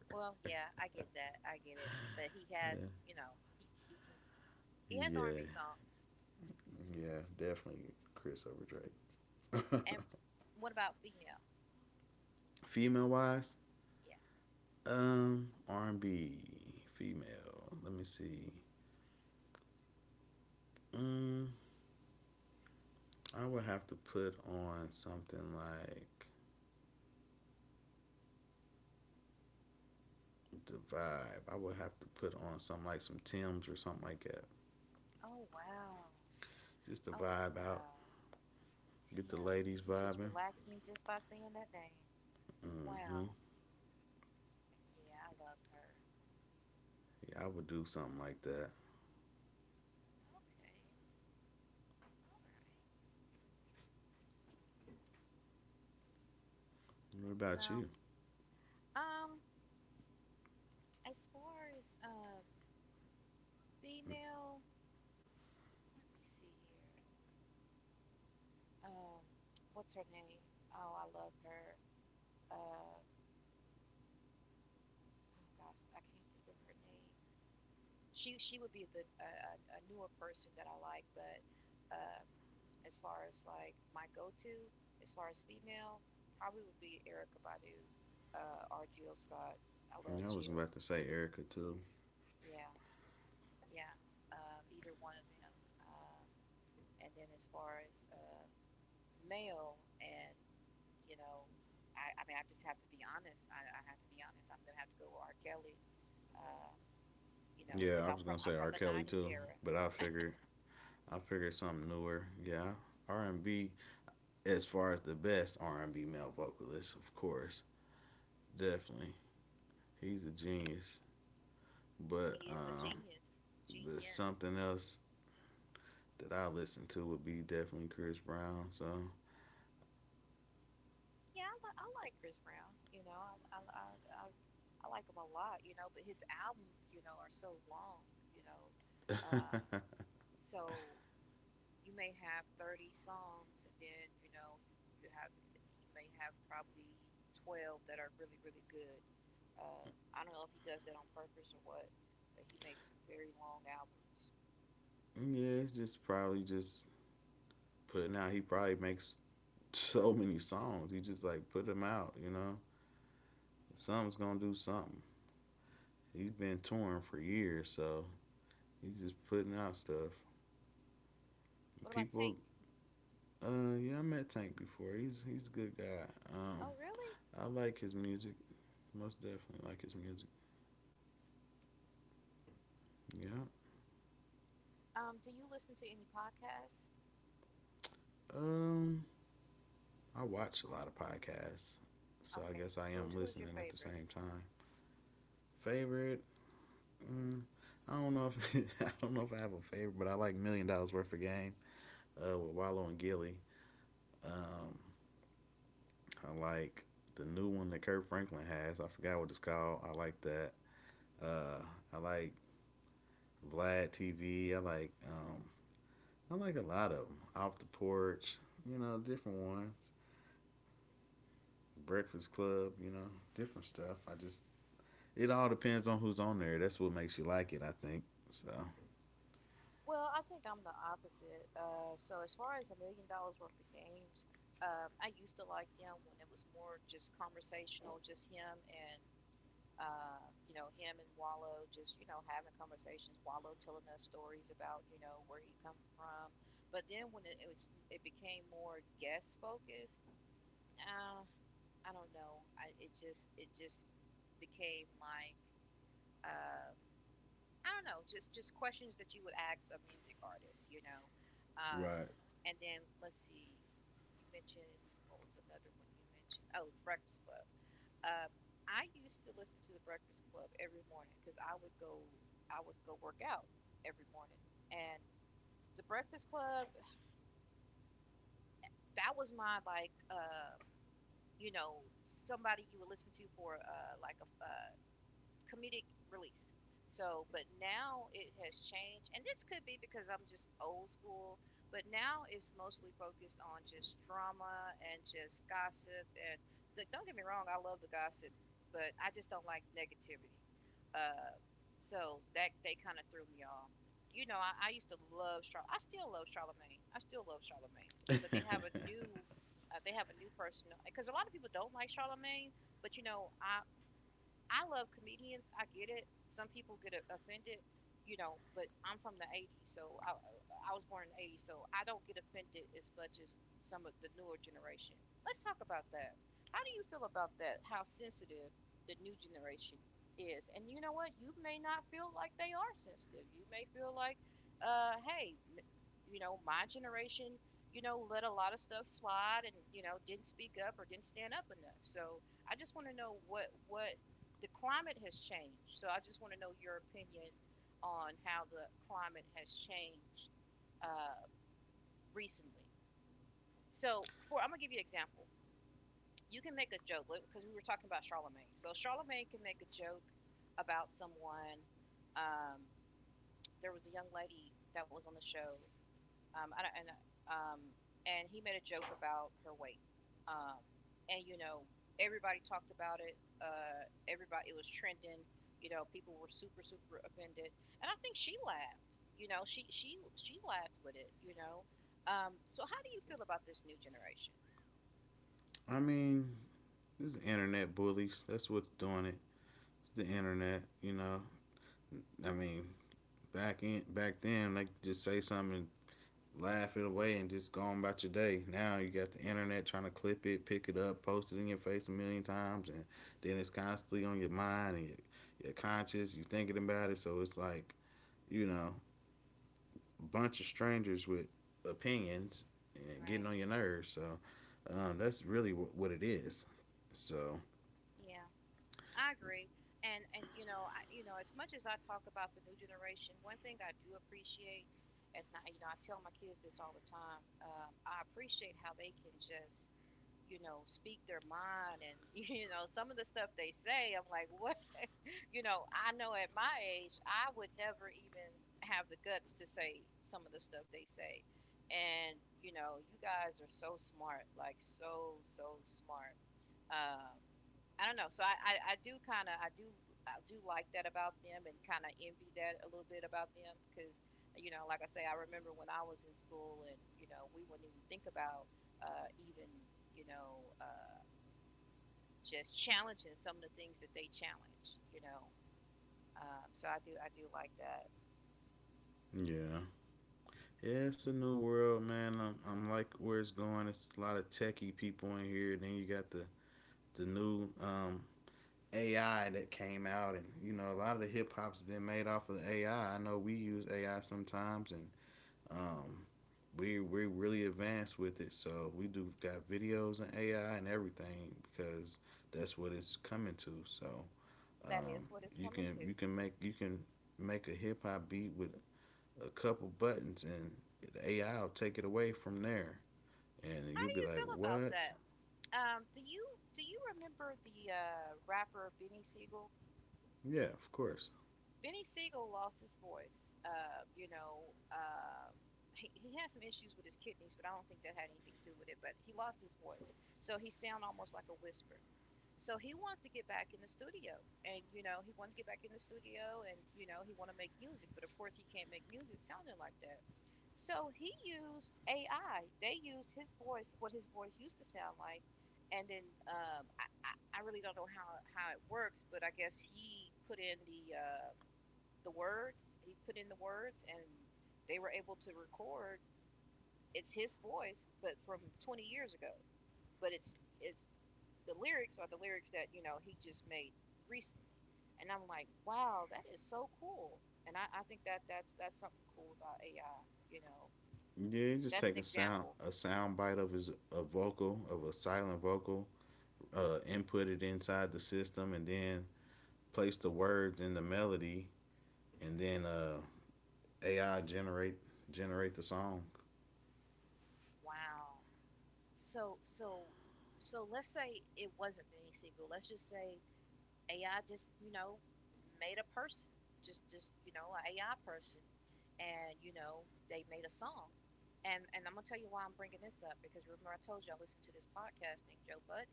Speaker 1: Well, yeah, I get that. I get it. But he has, you know, he he can he has R and
Speaker 2: Yeah,
Speaker 1: B songs.
Speaker 2: yeah, definitely Chris over Drake.
Speaker 1: And what about female?
Speaker 2: Female wise,
Speaker 1: Yeah.
Speaker 2: R and B female. Let me see. Mm, I would have to put on something like the vibe. I would have to put on some like some Tim's or something like that.
Speaker 1: Oh wow.
Speaker 2: Just the
Speaker 1: Oh
Speaker 2: vibe out.
Speaker 1: wow. Tim,
Speaker 2: Get the ladies
Speaker 1: you just
Speaker 2: vibing.
Speaker 1: relaxed me just by saying that name.
Speaker 2: Mm-hmm.
Speaker 1: Wow. Yeah, I love her.
Speaker 2: Yeah, I would do something like that.
Speaker 1: Okay, all right.
Speaker 2: What about
Speaker 1: Well,
Speaker 2: you?
Speaker 1: um, as far as female, let me see here. Um, what's her name? Oh, I love her. Uh, oh gosh, I can't think of her name. She would be the newer person that I like, but um, as far as like my go-to, as far as female, probably would be Erica Badu or Jill Scott. I love
Speaker 2: Yeah, I was
Speaker 1: Jill.
Speaker 2: about to say Erica too.
Speaker 1: Yeah, yeah. Either one of them. Um, and then as far as male and you know, I mean, I just have to be honest. I have to be honest. I'm gonna have to go with R. Kelly. Uh, you know, because
Speaker 2: Yeah, I was gonna
Speaker 1: I'm
Speaker 2: say
Speaker 1: from
Speaker 2: R.
Speaker 1: the
Speaker 2: Kelly
Speaker 1: '90s
Speaker 2: too,
Speaker 1: era.
Speaker 2: but I figured something newer. Yeah, R and B as far as the best R and B male vocalist, of course, definitely he's a genius. But
Speaker 1: He is a
Speaker 2: um,
Speaker 1: genius,
Speaker 2: but
Speaker 1: genius.
Speaker 2: something else that I listen to would be definitely Chris Brown. So
Speaker 1: Yeah, I like Chris Brown. You know, I I like him a lot. You know, but his albums, are so long. You know, uh, so you may have 30 songs, and then you know you may have probably 12 that are really really good. uh, I don't know if he does that on purpose or what, but he makes some very long albums. Yeah.
Speaker 2: yeah, it's just probably just putting out. He probably makes so many songs. He just like put them out. You know, something's gonna do something. He's been touring for years, so he's just putting out stuff.
Speaker 1: What about Tank?
Speaker 2: People, yeah, I met Tank before. He's a good guy.
Speaker 1: Oh really?
Speaker 2: I like his music. Most definitely like his music. Yeah.
Speaker 1: Do you listen to any podcasts?
Speaker 2: Um, I watch a lot of podcasts, so I
Speaker 1: Okay,
Speaker 2: guess I
Speaker 1: who's
Speaker 2: am
Speaker 1: who's your
Speaker 2: listening at the
Speaker 1: favorite?
Speaker 2: same time. Favorite? Mm, I don't know if I don't know if I have a favorite, but I like Million Dollars Worth of Game with Wallow and Gilly. Um, I like the new one that Kurt Franklin has. I forgot what it's called. I like that. Uh, I like Vlad TV. I like a lot of them. Off the porch, you know, different ones. Breakfast Club, you know, different stuff. I just it all depends on who's on there. That's what makes you like it, I think. So
Speaker 1: Well, I think I'm the opposite. So as far as $1 million worth of games, I used to like them when it was more just conversational, just him and him and Wallow just, having conversations, Wallow telling us stories about, where he come from. But then when it became more guest focused, uh, I don't know. I It just became like, uh, I don't know, just questions that you would ask a music artist, you know. Um,
Speaker 2: right.
Speaker 1: and then let's see, you mentioned what was another one you mentioned? Oh, The Breakfast Club. Uh, I used to listen to the Breakfast Club every morning because I would go work out every morning, and the Breakfast Club, that was my like you know, somebody you would listen to for like a comedic release. So, but now it has changed, and this could be because I'm just old school. But now it's mostly focused on just drama and just gossip. And don't get me wrong, I love the gossip, but I just don't like negativity. Uh, so that they kind of threw me off. You know, I used to love Char. I still love Charlemagne. I still love Charlemagne, but they have a new. They have a new person because a lot of people don't like Charlemagne, but you know, I love comedians. I get it. Some people get offended, you know, but I'm from the 80s, so I was born in the 80s, so I don't get offended as much as some of the newer generation. Let's talk about that. How do you feel about that? How sensitive the new generation is. And you know what? You may not feel like they are sensitive. You may feel like, hey, you know, my generation, let a lot of stuff slide and, didn't speak up or didn't stand up enough. So I just want to know what the climate has changed. So I just want to know your opinion on how the climate has changed uh, recently. So, for I'm gonna give you an example. You can make a joke because we were talking about Charlemagne. So Charlemagne can make a joke about someone. Um, there was a young lady that was on the show. I don't, and um, he made a joke about her weight. Um, and you know, everybody talked about it. Everybody, it was trending. You know, people were super, super offended, and I think she laughed. You know, she laughed with it. You know, so how do you feel about this new generation?
Speaker 2: I mean, it's the internet bullies. That's what's doing it. It's the internet, you know. I mean, back in back then, they could just say something and laugh it away and just go on about your day. Now you got the internet trying to clip it, pick it up, post it in your face a million times, and then it's constantly on your mind and your conscious. You are thinking about it, so it's like you know a bunch of strangers with opinions and getting
Speaker 1: Right?
Speaker 2: on your nerves. So that's really what it is. So
Speaker 1: Yeah. I agree. And you know, as much as I talk about the new generation, one thing I do appreciate, and I you know, I tell my kids this all the time. I appreciate how they can just speak their mind and some of the stuff they say, I'm like, what? I know at my age I would never even have the guts to say some of the stuff they say. And you know, you guys are so smart, like, so so smart. um I don't know. So, I do kind of I do like that about them, and kind of envy that a little bit about them, because you know, like I say, I remember when I was in school, and you know, we wouldn't even think about even you know uh, just challenging some of the things that they challenge, you know. So I do like that.
Speaker 2: yeah. Yeah, it's a new world, man. I'm like where it's going. It's a lot of techie people in here. Then you got the new AI that came out, and you know, a lot of the hip hop's been made off of the AI. I know we use AI sometimes, and um, we're really advanced with it. So we do got videos and AI and everything because that's what it's coming to. So
Speaker 1: That is
Speaker 2: um,
Speaker 1: what it's
Speaker 2: you
Speaker 1: coming
Speaker 2: can
Speaker 1: to.
Speaker 2: you can make you can make a hip hop beat with a couple buttons, and the AI will take it away from there, and
Speaker 1: How
Speaker 2: you'll
Speaker 1: do
Speaker 2: be
Speaker 1: you
Speaker 2: like,
Speaker 1: feel about
Speaker 2: what?
Speaker 1: that? Do you remember the rapper Benny Siegel?
Speaker 2: Yeah, of course.
Speaker 1: Benny Siegel lost his voice. You know, he had some issues with his kidneys, but I don't think that had anything to do with it. But he lost his voice, so he sound almost like a whisper. So he wanted to get back in the studio, and he wanted to get back in the studio, and he wanted to make music, but of course, he can't make music sounding like that. So he used AI. They used his voice, what his voice used to sound like, and then I really don't know how it works, but I guess he put in the words. He put in the words, and they were able to record. It's his voice, but from 20 years ago. But it's the lyrics are the lyrics that you know he just made recently, and I'm like, wow, that is so cool. And I think that that's something cool about AI. You know,
Speaker 2: Yeah, you just
Speaker 1: that's
Speaker 2: take
Speaker 1: an example.
Speaker 2: a sound bite of his a vocal of a silent vocal, input it inside the system, and then place the words in the melody, and then AI generate the song.
Speaker 1: Wow. So so let's say it wasn't Benny Siegel. Let's just say AI just, made a person, just an AI person, and you know, they made a song. And I'm gonna tell you why I'm bringing this up because remember I told you I listened to this podcast named Joe Button.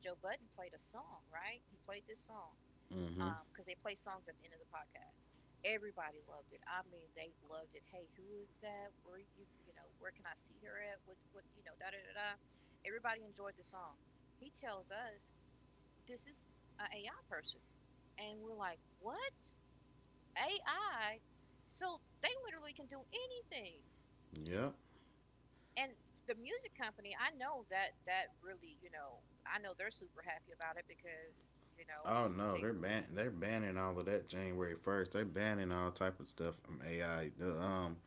Speaker 1: Joe Button played a song, right? He played this song
Speaker 2: Mm-hmm.
Speaker 1: because they play songs at the end of the podcast. Everybody loved it. I mean, they loved it. Hey, who is that? Where where can I see her at? What da da da da. Everybody enjoyed the song. He tells us this is an AI person. And we're like, what? AI? So they literally can do anything.
Speaker 2: Yep.
Speaker 1: And the music company, I know that really, you know, I know they're super happy about it because, you know,
Speaker 2: Oh
Speaker 1: they,
Speaker 2: no, they're banning all of that January 1st. They're banning all type of stuff from AI. The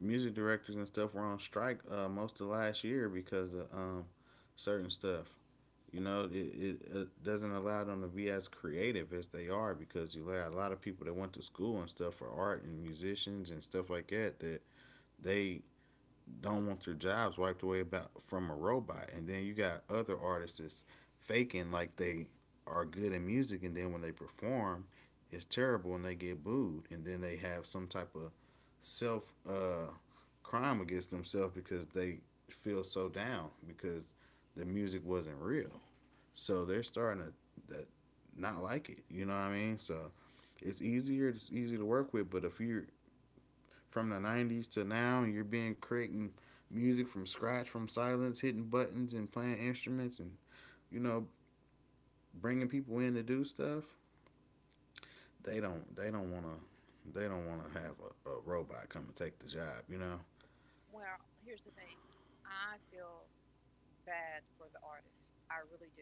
Speaker 2: music directors and stuff were on strike most of last year because of certain stuff. You know, it doesn't allow them to be as creative as they are because you have a lot of people that went to school and stuff for art and musicians and stuff like that that they don't want their jobs wiped away about from a robot. And then you got other artists that's faking like they are good in music, and then when they perform, it's terrible and they get booed, and then they have some type of self uh, crime against themselves because they feel so down because the music wasn't real. So they're starting to that, not like it. You know what I mean? So
Speaker 1: mm-hmm.
Speaker 2: it's easier. It's easier to work with. But if you're from the '90s to now, and you're being creating music from scratch, from silence, hitting buttons and playing instruments, and you know bringing people in to do stuff, they don't. They don't want to. They don't want to have a robot come and take the job. You know?
Speaker 1: Well, here's the thing. I feel bad for the artists. I really do.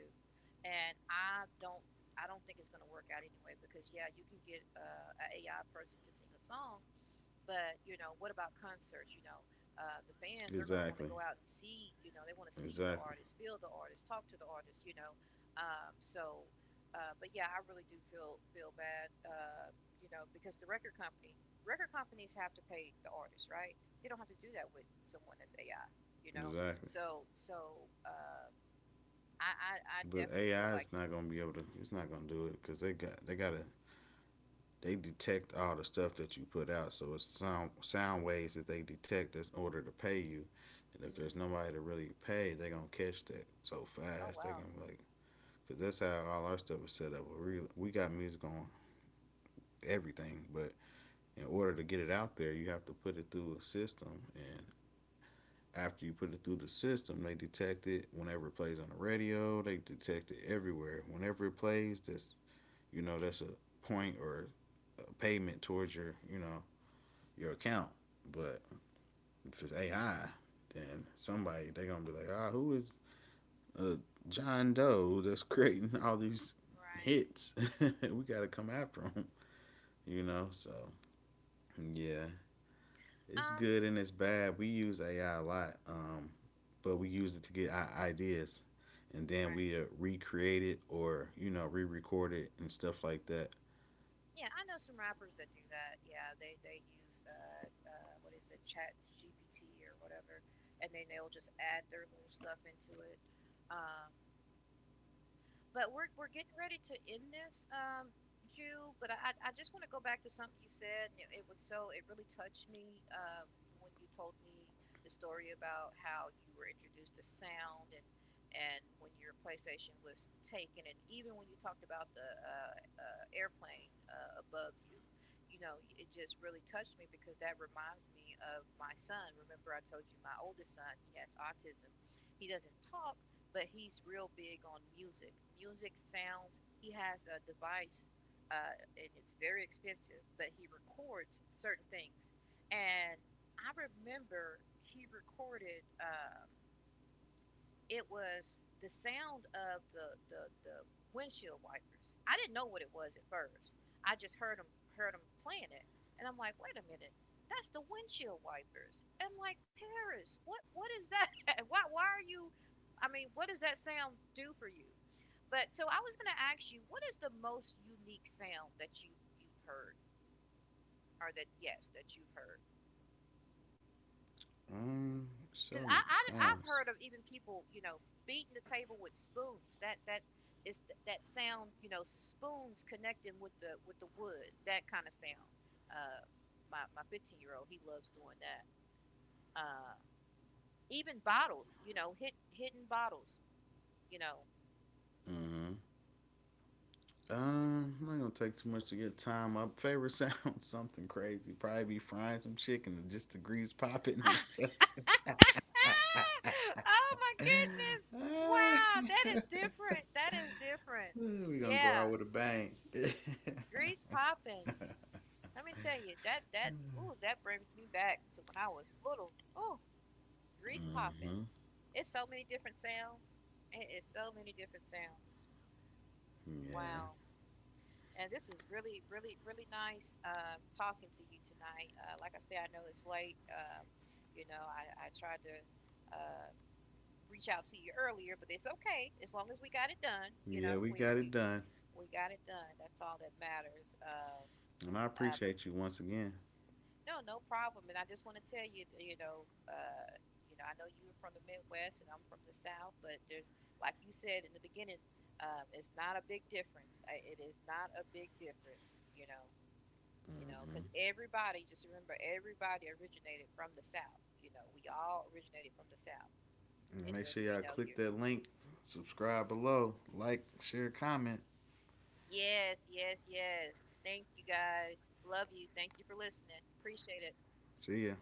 Speaker 1: And I don't think it's going to work out anyway because yeah, you can get an a AI person to sing a song. But you know, what about concerts? You know, the fans they're going to want to go
Speaker 2: Exactly.
Speaker 1: out and see. You know, they want to see the
Speaker 2: Exactly.
Speaker 1: artist, feel the artist, talk to the artist. You know, um, so. But yeah, I really do feel bad. You know, because record companies have to pay the artist, right? They don't have to do that with someone that's AI. You know,
Speaker 2: Exactly.
Speaker 1: so so I
Speaker 2: But
Speaker 1: definitely feel
Speaker 2: AI
Speaker 1: like,
Speaker 2: is not gonna be able to. It's not gonna do it because they got to. They detect all the stuff that you put out. So it's sound waves that they detect that's in order to pay you. And if
Speaker 1: mm,
Speaker 2: there's nobody to really pay, they're gonna catch that so
Speaker 1: oh
Speaker 2: fast. They're
Speaker 1: wow,
Speaker 2: gonna like, cause that's how all our stuff is set up. We got music on everything, but in order to get it out there, you have to put it through a system. And after you put it through the system, they detect it whenever it plays on the radio. They detect it everywhere. Whenever it plays, that's you know that's a point or a payment towards your you know your account. But if it's
Speaker 1: mm,
Speaker 2: AI, then somebody they're gonna be like, ah, who is uh, John Doe that's creating all these
Speaker 1: right,
Speaker 2: hits? We gotta come after him, you know. So yeah, it's
Speaker 1: um,
Speaker 2: good and it's bad. We use AI a lot, but we use it to get our ideas, and then
Speaker 1: right.
Speaker 2: we recreate it or you know re-record it and stuff like that.
Speaker 1: Yeah, I know some rappers that do that. Yeah, they use what is it, Chat GPT or whatever, and then they'll just add their little stuff into it. Um, but we're getting ready to end this, Jew. But I just want to go back to something you said. And It was so it really touched me when you told me the story about how you were introduced to sound and when your PlayStation was taken, and even when you talked about the airplane above you, you know, it just really touched me because that reminds me of my son. Remember, I told you my oldest son he has autism. He doesn't talk, but he's real big on music. Music sounds. He has a device, and it's very expensive, but he records certain things. And I remember he recorded it was the sound of the windshield wipers. I didn't know what it was at first. I just heard them playing it, and I'm like, wait a minute, that's the windshield wipers. And I'm like, Paris, what is that? why are you? I mean, what does that sound do for you? But so I was gonna ask you, what is the most unique sound that you've heard, or that yes, that you've heard?
Speaker 2: Um, so
Speaker 1: Because I
Speaker 2: many
Speaker 1: I've
Speaker 2: times.
Speaker 1: heard of even people you know beating the table with spoons. That is that sound you know spoons connecting with the wood. That kind of sound. Uh, my 15-year-old year old he loves doing that. Uh, even bottles. You know hitting bottles. You know.
Speaker 2: Mm-hmm. Not gonna take too much to get time up. Favorite sound, something crazy. Probably be frying some chicken and just the grease popping and
Speaker 1: Oh
Speaker 2: just,
Speaker 1: my goodness! Wow, that is different. That is different.
Speaker 2: we gonna go out
Speaker 1: Yeah,
Speaker 2: with a bang. Mm-hmm.
Speaker 1: grease popping. Let me tell you that ooh that brings me back to when I was little. Ooh, grease popping. It's so many different sounds. It is so many different sounds.
Speaker 2: Yeah.
Speaker 1: Wow. And this is really, really, really nice talking to you tonight. Like I said, I know it's late. You know, I tried to uh, reach out to you earlier, but it's okay as long as we got it done. You
Speaker 2: Yeah,
Speaker 1: know,
Speaker 2: we
Speaker 1: we
Speaker 2: got it
Speaker 1: we
Speaker 2: done.
Speaker 1: we got it done. That's all that matters.
Speaker 2: And I
Speaker 1: Um,
Speaker 2: appreciate you once again.
Speaker 1: No, no problem. And I just want to tell you, you know, I know you're from the Midwest and I'm from the South, but there's, like you said in the beginning, it's not a big difference. I, it is not a big difference, you know, you know, because everybody, just remember, everybody originated from the South. You know, we all originated from the South,
Speaker 2: And
Speaker 1: and
Speaker 2: make
Speaker 1: then
Speaker 2: sure
Speaker 1: you
Speaker 2: y'all
Speaker 1: know,
Speaker 2: click
Speaker 1: you.
Speaker 2: that link, subscribe below, like, share, comment.
Speaker 1: Yes, yes, yes. Thank you guys. Love you. Thank you for listening. Appreciate it.
Speaker 2: See ya.